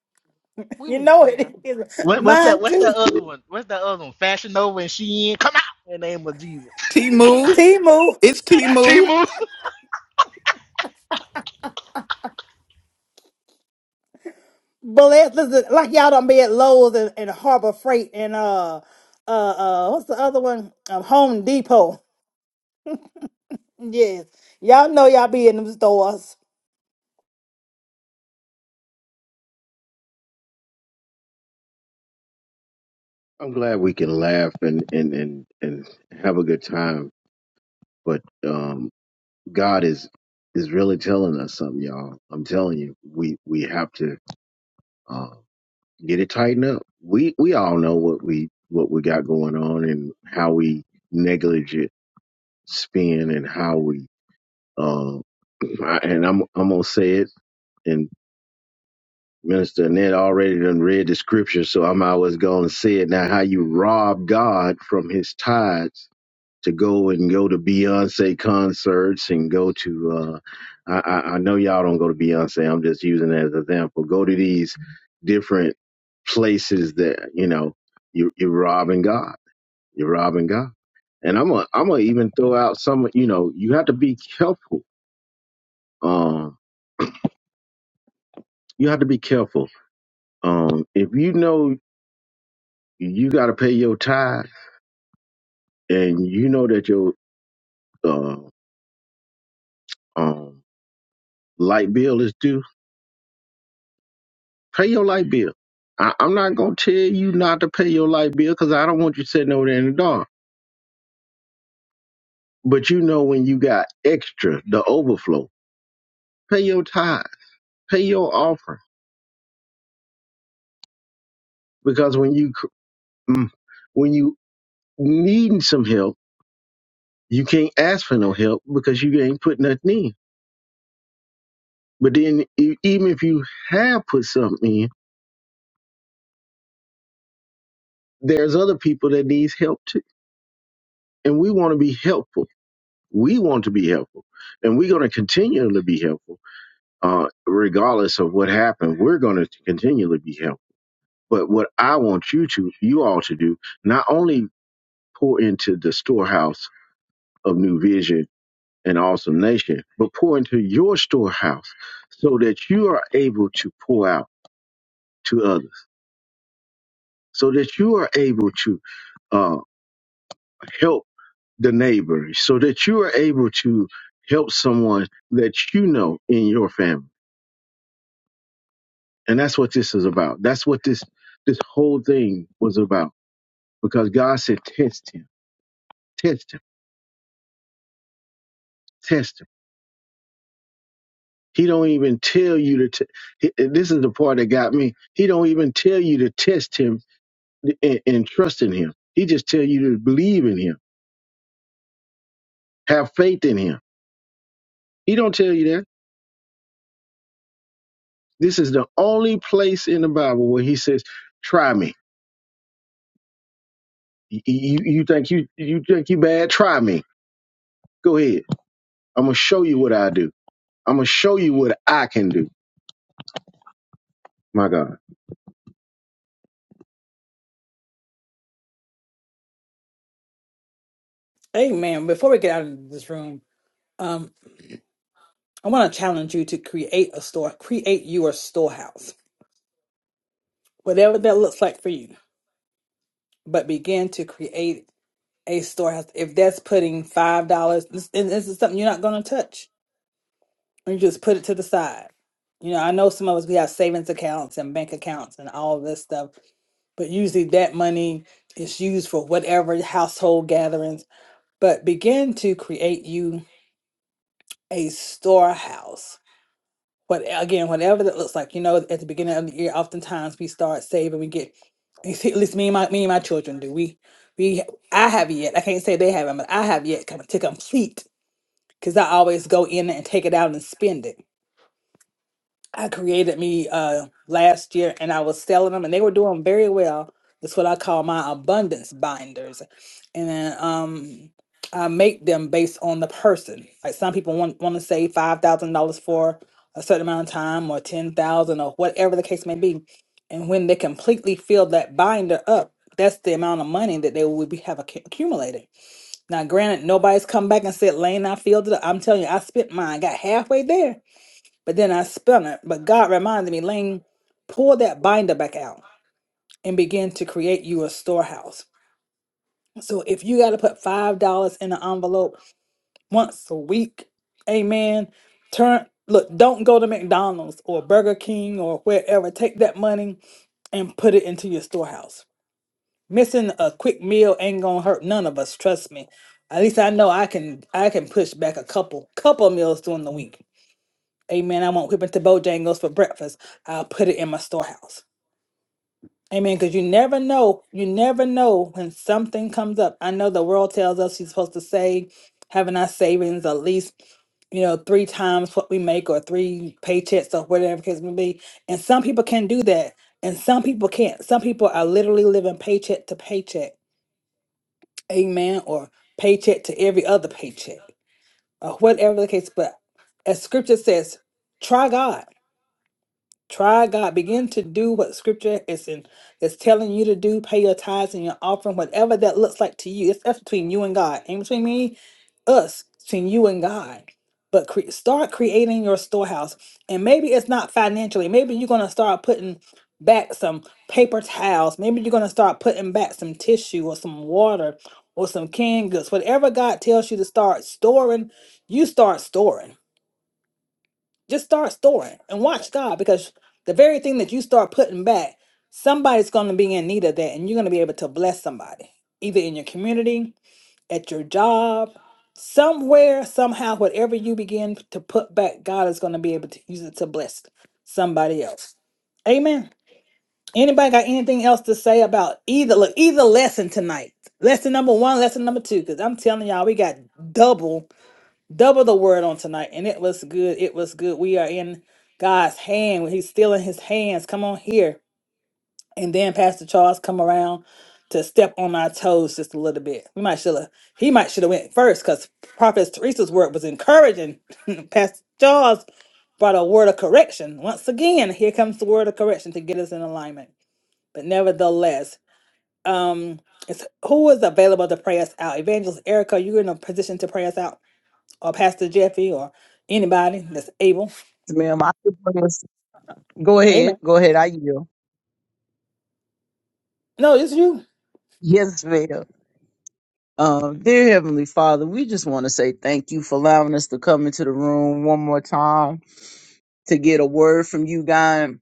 We
You
need
know
prayer.
it is.
What, what's
Mine
that? What's that
too.
other one? What's that other one? Fashion Nova and Shein come out in the name of Jesus.
t move
Timu.
it's t
Timu
Bless. Listen, like y'all done be at Lowe's and, and Harbor Freight and uh uh uh what's the other one? Um, Home Depot. Yes. Y'all know y'all be in them stores.
I'm glad we can laugh and and and and have a good time. But um, God is is really telling us something, y'all. I'm telling you, we we have to uh, get it tightened up. We we all know what we what we got going on and how we negligent spend and how we uh, I- and I'm I'm gonna say it and. Minister Annette already done read the scripture, so I'm always gonna say it now. How you rob God from His tithes to go and go to Beyonce concerts and go to uh I, I I know y'all don't go to Beyonce, I'm just using it as an example. Go to these different places that, you know, you you're robbing God. You're robbing God. And I'm gonna i I'm gonna even throw out some you know, you have to be careful. Um you have to be careful. Um if you know you gotta pay your tithe and you know that your uh, um light bill is due Pay your light bill. I, I'm not gonna tell you not to pay your light bill because I don't want you sitting over there in the dark. But you know when you got extra, the overflow. Pay your tithe. Pay your offering because when you cr- mm, when you needing some help, you can't ask for no help because you ain't put nothing in. But then e- even if you have put something in, there's other people that needs help too, and we want to be helpful. We want to be helpful, and we're gonna continue to be helpful uh, regardless of what happened, we're going to continually be helpful. But what I want you to, you all to do, not only pour into the storehouse of New Vision and Awesome Nation, but pour into your storehouse so that you are able to pour out to others, so that you are able to uh, help the neighbor, so that you are able to help someone that you know in your family. And that's what this is about. That's what this this whole thing was about because God said, test him, test him, test him. He don't even tell you to. T- he- this is the part that got me. He don't even tell you to test him and, and trust in him. He just tell you to believe in him, have faith in him. He don't tell you that. This is the only place in the Bible where he says, "Try me. You, you, you think you you think you bad? Try me. Go ahead. I'm gonna show you what I do. I'm gonna show you what I can do. My God,
Hey man, before we get out of this room, um, I want to challenge you to create a store, create your storehouse, whatever that looks like for you. But begin to create a storehouse. If that's putting five dollars, and this is something you're not going to touch, you just put it to the side. You know, I know some of us we have savings accounts and bank accounts and all this stuff, but usually that money is used for whatever household gatherings. But begin to create you. a storehouse. What again, whatever that looks like. You know, at the beginning of the year, oftentimes we start saving. We get at least me and my me and my children do. We we I have yet. I can't say they haven't, but I have yet come to complete because I always go in and take it out and spend it. I created me uh last year and I was selling them and they were doing very well. That's what I call my abundance binders. And then um, uh, make them based on the person. Like some people want want to save five thousand dollars for a certain amount of time, or ten thousand, or whatever the case may be. And when they completely fill that binder up, that's the amount of money that they would be, have accu- accumulated. Now, granted, nobody's come back and said, "Lane, I filled it up." I'm telling you, I spent mine, got halfway there, but then I spent it. But God reminded me, Lane, pull that binder back out and begin to create you a storehouse. So if you got to put five dollars in an envelope once a week. Amen. Turn look, don't go to McDonald's or Burger King or wherever. Take that money and put it into your storehouse. Missing a quick meal ain't gonna hurt none of us, trust me. At least I know I can I can push back a couple couple meals during the week. Amen. I won't whip into Bojangles for breakfast. I'll put it in my storehouse. Amen. Because you never know, you never know when something comes up. I know the world tells us you're supposed to save, having our savings at least you know, three times what we make or three paychecks or whatever the case may be. And some people can do that. And some people can't. Some people are literally living paycheck to paycheck. Amen. Or paycheck to every other paycheck. Or whatever the case. But as scripture says, try God. Try God. Begin to do what scripture is in is telling you to do. Pay your tithes and your offering, whatever that looks like to you. It's that's between you and God. Ain't between me us between you and God. But cre- start creating your storehouse, and maybe it's not financially. Maybe you're gonna start putting back some paper towels. Maybe you're gonna start putting back some tissue or some water or some canned goods. Whatever God tells you to start storing, you start storing. Just start storing and watch God because the very thing that you start putting back, somebody's gonna be in need of that, and you're gonna be able to bless somebody, either in your community, at your job, somewhere, somehow, whatever you begin to put back, God is going to be able to use it to bless somebody else. Amen. Anybody got anything else to say about either look either lesson tonight? Lesson number one, lesson number two, because I'm telling y'all, we got double double the word on tonight, and it was good. It was good. We are in God's hand. He's still in His hands. Come on here and then Pastor Charles come around to step on our toes just a little bit. We might should have he might should have went first because Prophet Teresa's word was encouraging. Pastor Charles brought a word of correction. Once again, here comes the word of correction to get us in alignment. But nevertheless, um, it's who is available to pray us out? Evangelist Erica, you're in a position to pray us out, or Pastor Jeffy, or anybody that's able.
Yes, ma'am. I could promise- Go
Amen.
ahead. Go ahead. I yield.
No, it's you.
Yes, ma'am. Um, dear Heavenly Father, we just want to say thank you for allowing us to come into the room one more time to get a word from you, God.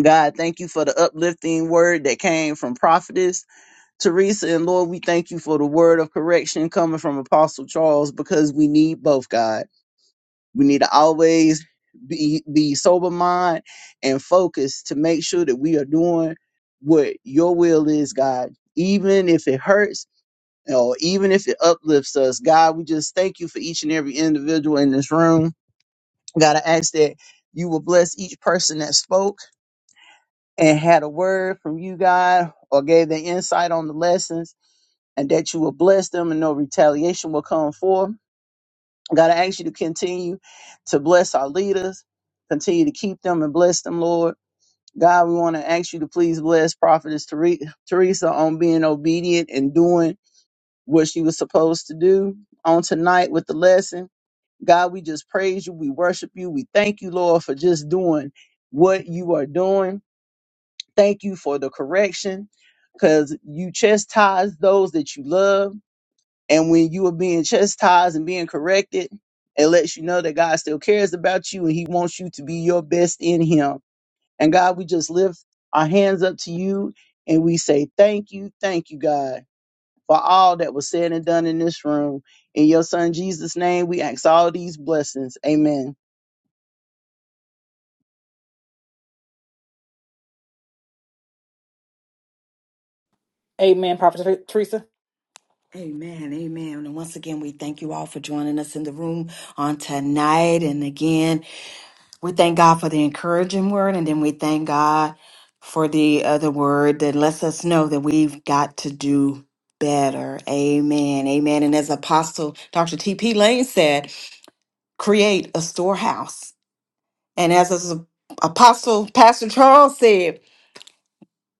God, thank you for the uplifting word that came from prophetess. Teresa, and Lord, we thank you for the word of correction coming from Apostle Charles because we need both, God. We need to always be be sober mind and focused to make sure that we are doing what your will is, God. Even if it hurts or even if it uplifts us, God, we just thank you for each and every individual in this room. God, I ask that you will bless each person that spoke and had a word from you, God, or gave the insight on the lessons and that you will bless them and no retaliation will come forth. God, I ask you to continue to bless our leaders, continue to keep them and bless them, Lord. God, we want to ask you to please bless Prophetess Tere- Teresa on being obedient and doing what she was supposed to do on tonight with the lesson. God, we just praise you. We worship you. We thank you, Lord, for just doing what you are doing. Thank you for the correction because you chastise those that you love And when you are being chastised and being corrected, it lets you know that God still cares about you and He wants you to be your best in Him. And God, we just lift our hands up to you and we say, Thank you, thank you, God, for all that was said and done in this room. In your Son Jesus' name, we ask all these blessings. Amen.
Amen, Prophet Teresa.
Amen, amen. And once again, we thank you all for joining us in the room on tonight. And again, We thank God for the encouraging word, and then we thank God for the other word that lets us know that we've got to do better. Amen. Amen. And as Apostle Dr. T.P. Lane said, create a storehouse. And as as Apostle Pastor Charles said,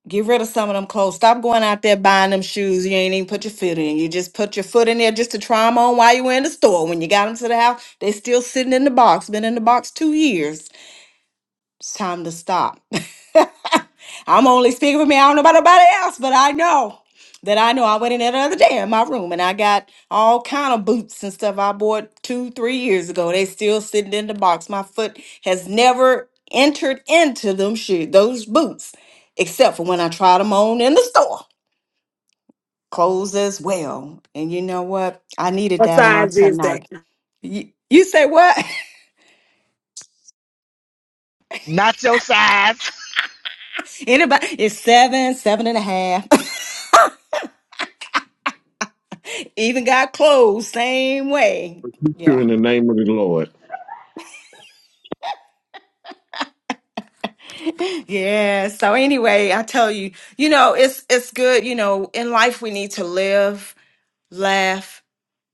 get rid of some of them clothes. Stop going out there buying them shoes you ain't even put your foot in. You just put your foot in there just to try them on while you were in the store. When you got them to the house, they still sitting in the box, been in the box two years it's time to stop. I'm only speaking for me. I don't know about nobody else, but I know that I know I went in there the other day in my room and I got all kind of boots and stuff I bought two, three years ago. They still sitting in the box. My foot has never entered into them shoes, those boots, except for when I tried them on in the store. Clothes as well. And you know what? I needed
What
that on
size is that?
tonight. You, you say what?
Not your size.
Anybody? It's seven, seven and a half. Even got clothes same way. Yeah.
In the name of the Lord.
Yeah. So anyway, I tell you, you know, it's it's good, you know, in life we need to live, laugh,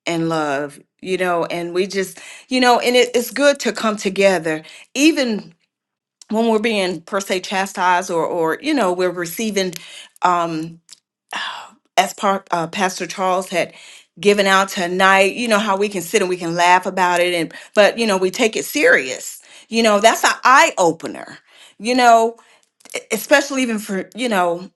and love, you know, and we just, you know, and it, it's good to come together, even when we're being per se chastised or or, you know, we're receiving um, as par- uh, Pastor Charles had given out tonight, you know how we can sit and we can laugh about it, and but you know we take it serious. You know that's an eye opener. You know, e- especially even for you know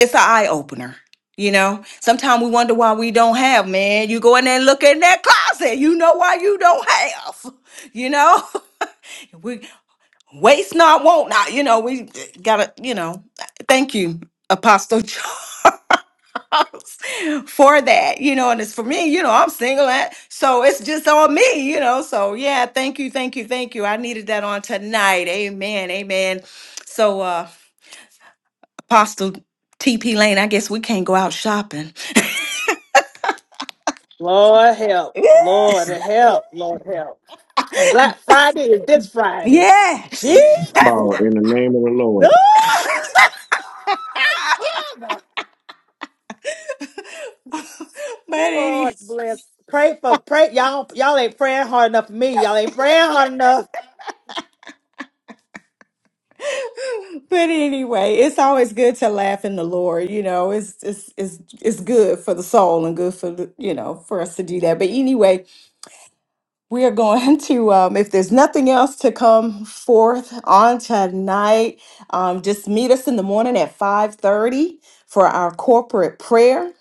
it's an eye opener. You know, sometimes we wonder why we don't have. Man, you go in there and look in that closet, you know why you don't have. You know, we waste not, want not. You know, we eh, gotta. You know, thank you, Apostle. for that, you know, and it's for me, you know, I'm single, and so it's just on me, you know. So yeah, thank you, thank you, thank you. I needed that on tonight. Amen, amen. So uh Apostle TP Lane, I guess we can't go out shopping.
Lord help. Lord help. Lord help. And Black Friday is this Friday.
Yes.
Jesus.
Oh, in the name of the Lord.
Lord, Father.
but any,
Lord bless. Pray for pray. Y'all y'all ain't praying hard enough for me. Y'all ain't praying hard enough.
but anyway, it's always good to laugh in the Lord. You know, it's it's it's it's good for the soul and good for the, you know for us to do that. But anyway, We are going to, um, if there's nothing else to come forth on tonight, um, just meet us in the morning at 5.30 for our corporate prayer.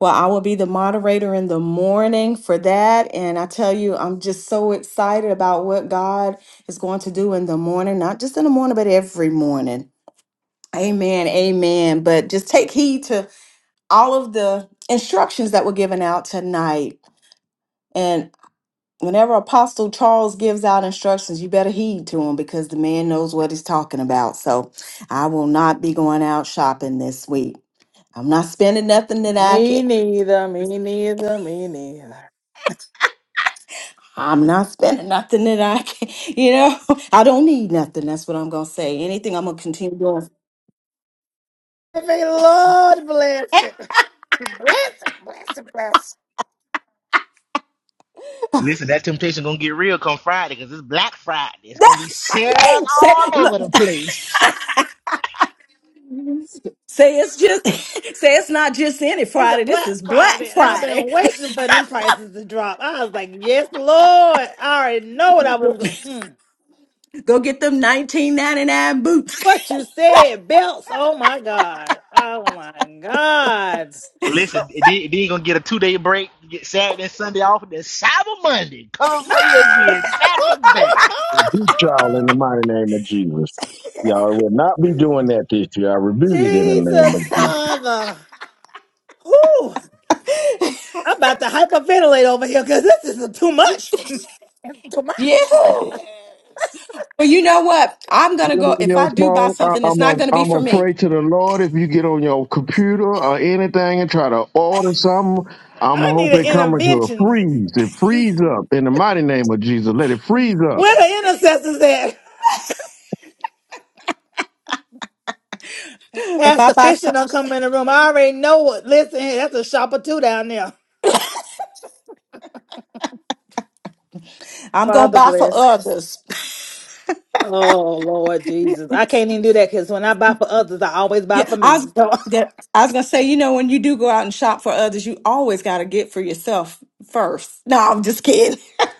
Well, I will be the moderator in the morning for that. And I tell you, I'm just so excited about what God is going to do in the morning, not just in the morning, but every morning. Amen. Amen. But just take heed to all of the instructions that were given out tonight whenever Apostle Charles gives out instructions, you better heed to him because the man knows what he's talking about. So I will not be going out shopping this week. I'm not spending nothing that I can.
Me neither. Me neither. Me neither.
I'm not spending nothing that I can. You know, I don't need nothing. That's what I'm gonna say. Anything I'm gonna continue doing.
May Lord bless it. Bless it. Bless it. Bless it.
Listen, that temptation gonna get real come Friday because it's Black Friday. It's gonna be sales
say,
all over
look,
the place.
say it's just say it's not just any
It's a
Friday. This
Black
is Black
Friday, and I've
Friday.
been waiting for them prices to drop. I was like, "Yes, Lord!" I already know what I was going. Mm.
Go get them 19.99 boots.
What you said, belts? Oh my God! Oh my God!
Listen, then then you gonna get a two day break, get Saturday and Sunday off, and then Cyber Monday come and play you again, back to back.
Beat y'all in the mighty name of Jesus. Y'all will not be doing that this year. I rebuke it in the name of
Jesus,
Jesus.
Father! Whew. I'm about to hyperventilate over here because this is too much for me. Too much.
Yes. Well, you know what? I'm gonna
You're
go.
on
If
your
I do buy
phone.
something,
I,
it's
I'm a,
not gonna be
I'm
for
a
me.
pray to the Lord. If you get on your computer or anything and try to order something, I'm
I
gonna hope
need an
it coming to a
intervention.
freeze. It freeze up in the mighty name of Jesus. Let it freeze up.
Where the intercessors at?
If I
Pastor
buy
Fisher
something,
don't come in the room. I already know what. Listen, that's a shopper too down there.
I'm gonna
Father
buy for
bless.
others.
Oh Lord Jesus. I can't even do that because when I buy for others, I always buy
Yeah,
for
I
me.
was.
So
Yeah, I was gonna say, you know, when you do go out and shop for others, you always gotta get for yourself first. No, I'm just kidding.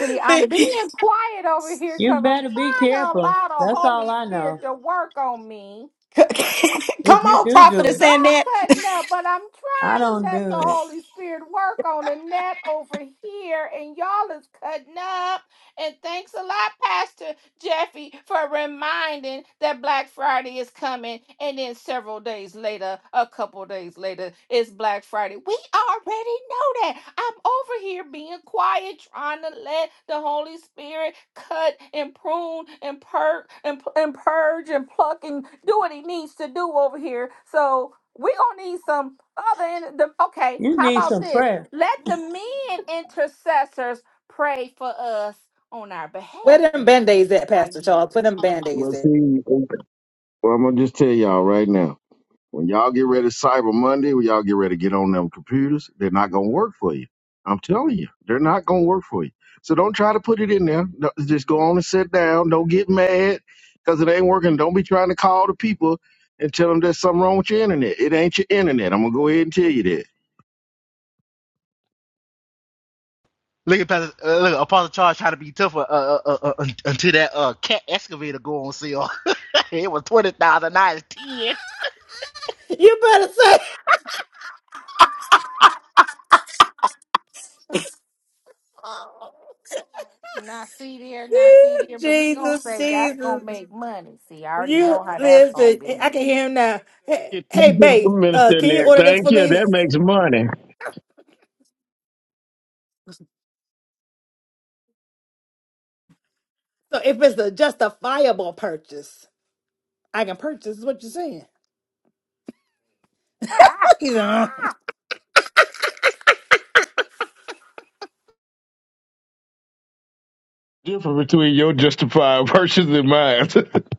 See, I'm
But-
being quiet over here,
You
cause I'm
better be
trying to
careful.
allow the
That's
Holy
all I
Spirit
know.
to work on me.
If
Come
you
on,
do do
prophetess
it,
Y'all
and that.
cutting up, but I'm
I
trying to
don't
let
do
the
it.
Holy Spirit work on the net over here, and y'all is cutting up. And thanks a lot, Pastor Jeffy, for reminding that Black Friday is coming, and then several days later, a couple days later, it's Black Friday. We already know that. I'm over here being quiet, trying to let the Holy Spirit cut and prune and perk and, pu- and purge and pluck and do what he needs to do over here. So we gonna need some other. In the, okay,
You
how
need
about
some
this?
prayer.
Let the men intercessors pray for us on our behalf. Then I yield.
Well, see, well, I'm gonna just tell y'all right now. When y'all get ready Cyber Monday, when y'all get ready to get on them computers, they're not gonna work for you. I'm telling you, they're not gonna work for you. So don't try to put it in there. No, Just go on and sit down. Don't get mad because it ain't working. Don't be trying to call the people and tell them there's something wrong with your internet. It ain't your internet. I'm gonna go ahead and tell you that.
Look at Pastor, uh, look, Apostle Charles trying to be tough uh, uh, uh, uh, until that uh, cat excavator go on sale. it was twenty thousand, now it's ten.
you better say
Not see there, not see there, but he gonna
Jesus,
say that's gonna
Jesus.
make money. See, I already
You
know how that's gonna
listen,
be.
I can hear him now. Hey,
Yeah,
hey
Thank you,
babe, uh,
Minister
can you
Nick.
order this
Thank
for
you.
me?
That makes money.
So if it's a justifiable purchase, I can purchase is what you're saying. He's uh,
Difference between your justified versus and mine.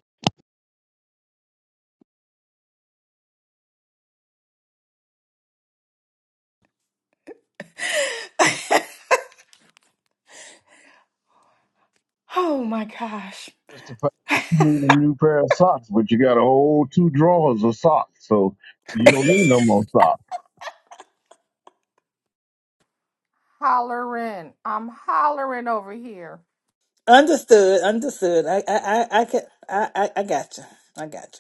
Oh my gosh.
justified you need a new pair of socks, but you got a whole two drawers of socks, so you don't need no more socks.
hollering, I'm hollering over here.
understood, understood. I I I, I can I, I I got you. I got you.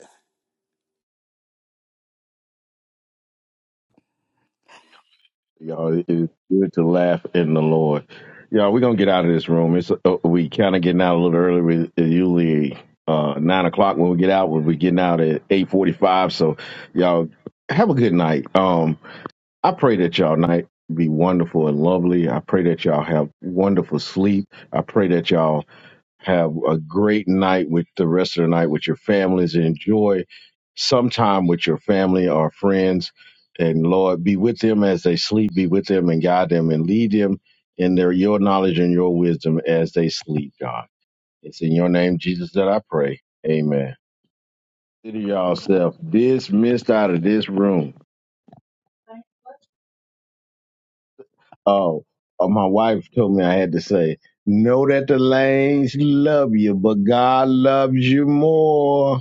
Y'all, it is good to laugh in the Lord. Y'all, we're gonna get out of this room. It's uh, we kind of getting out a little early. We it's usually uh, nine o'clock when we get out. When we getting out at eight forty-five. So, y'all have a good night. Um, I pray that y'all night be wonderful and lovely. I pray that y'all have wonderful sleep. I pray that y'all have a great night with the rest of the night with your families. Enjoy some time with your family or friends. And Lord, be with them as they sleep, be with them and guide them and lead them in their your knowledge and your wisdom as they sleep, God. It's in your name, Jesus, that I pray. Amen. Consider yourself dismissed out of this room. Oh, uh, my wife told me I had to say, know that the lanes love you, but God loves you more.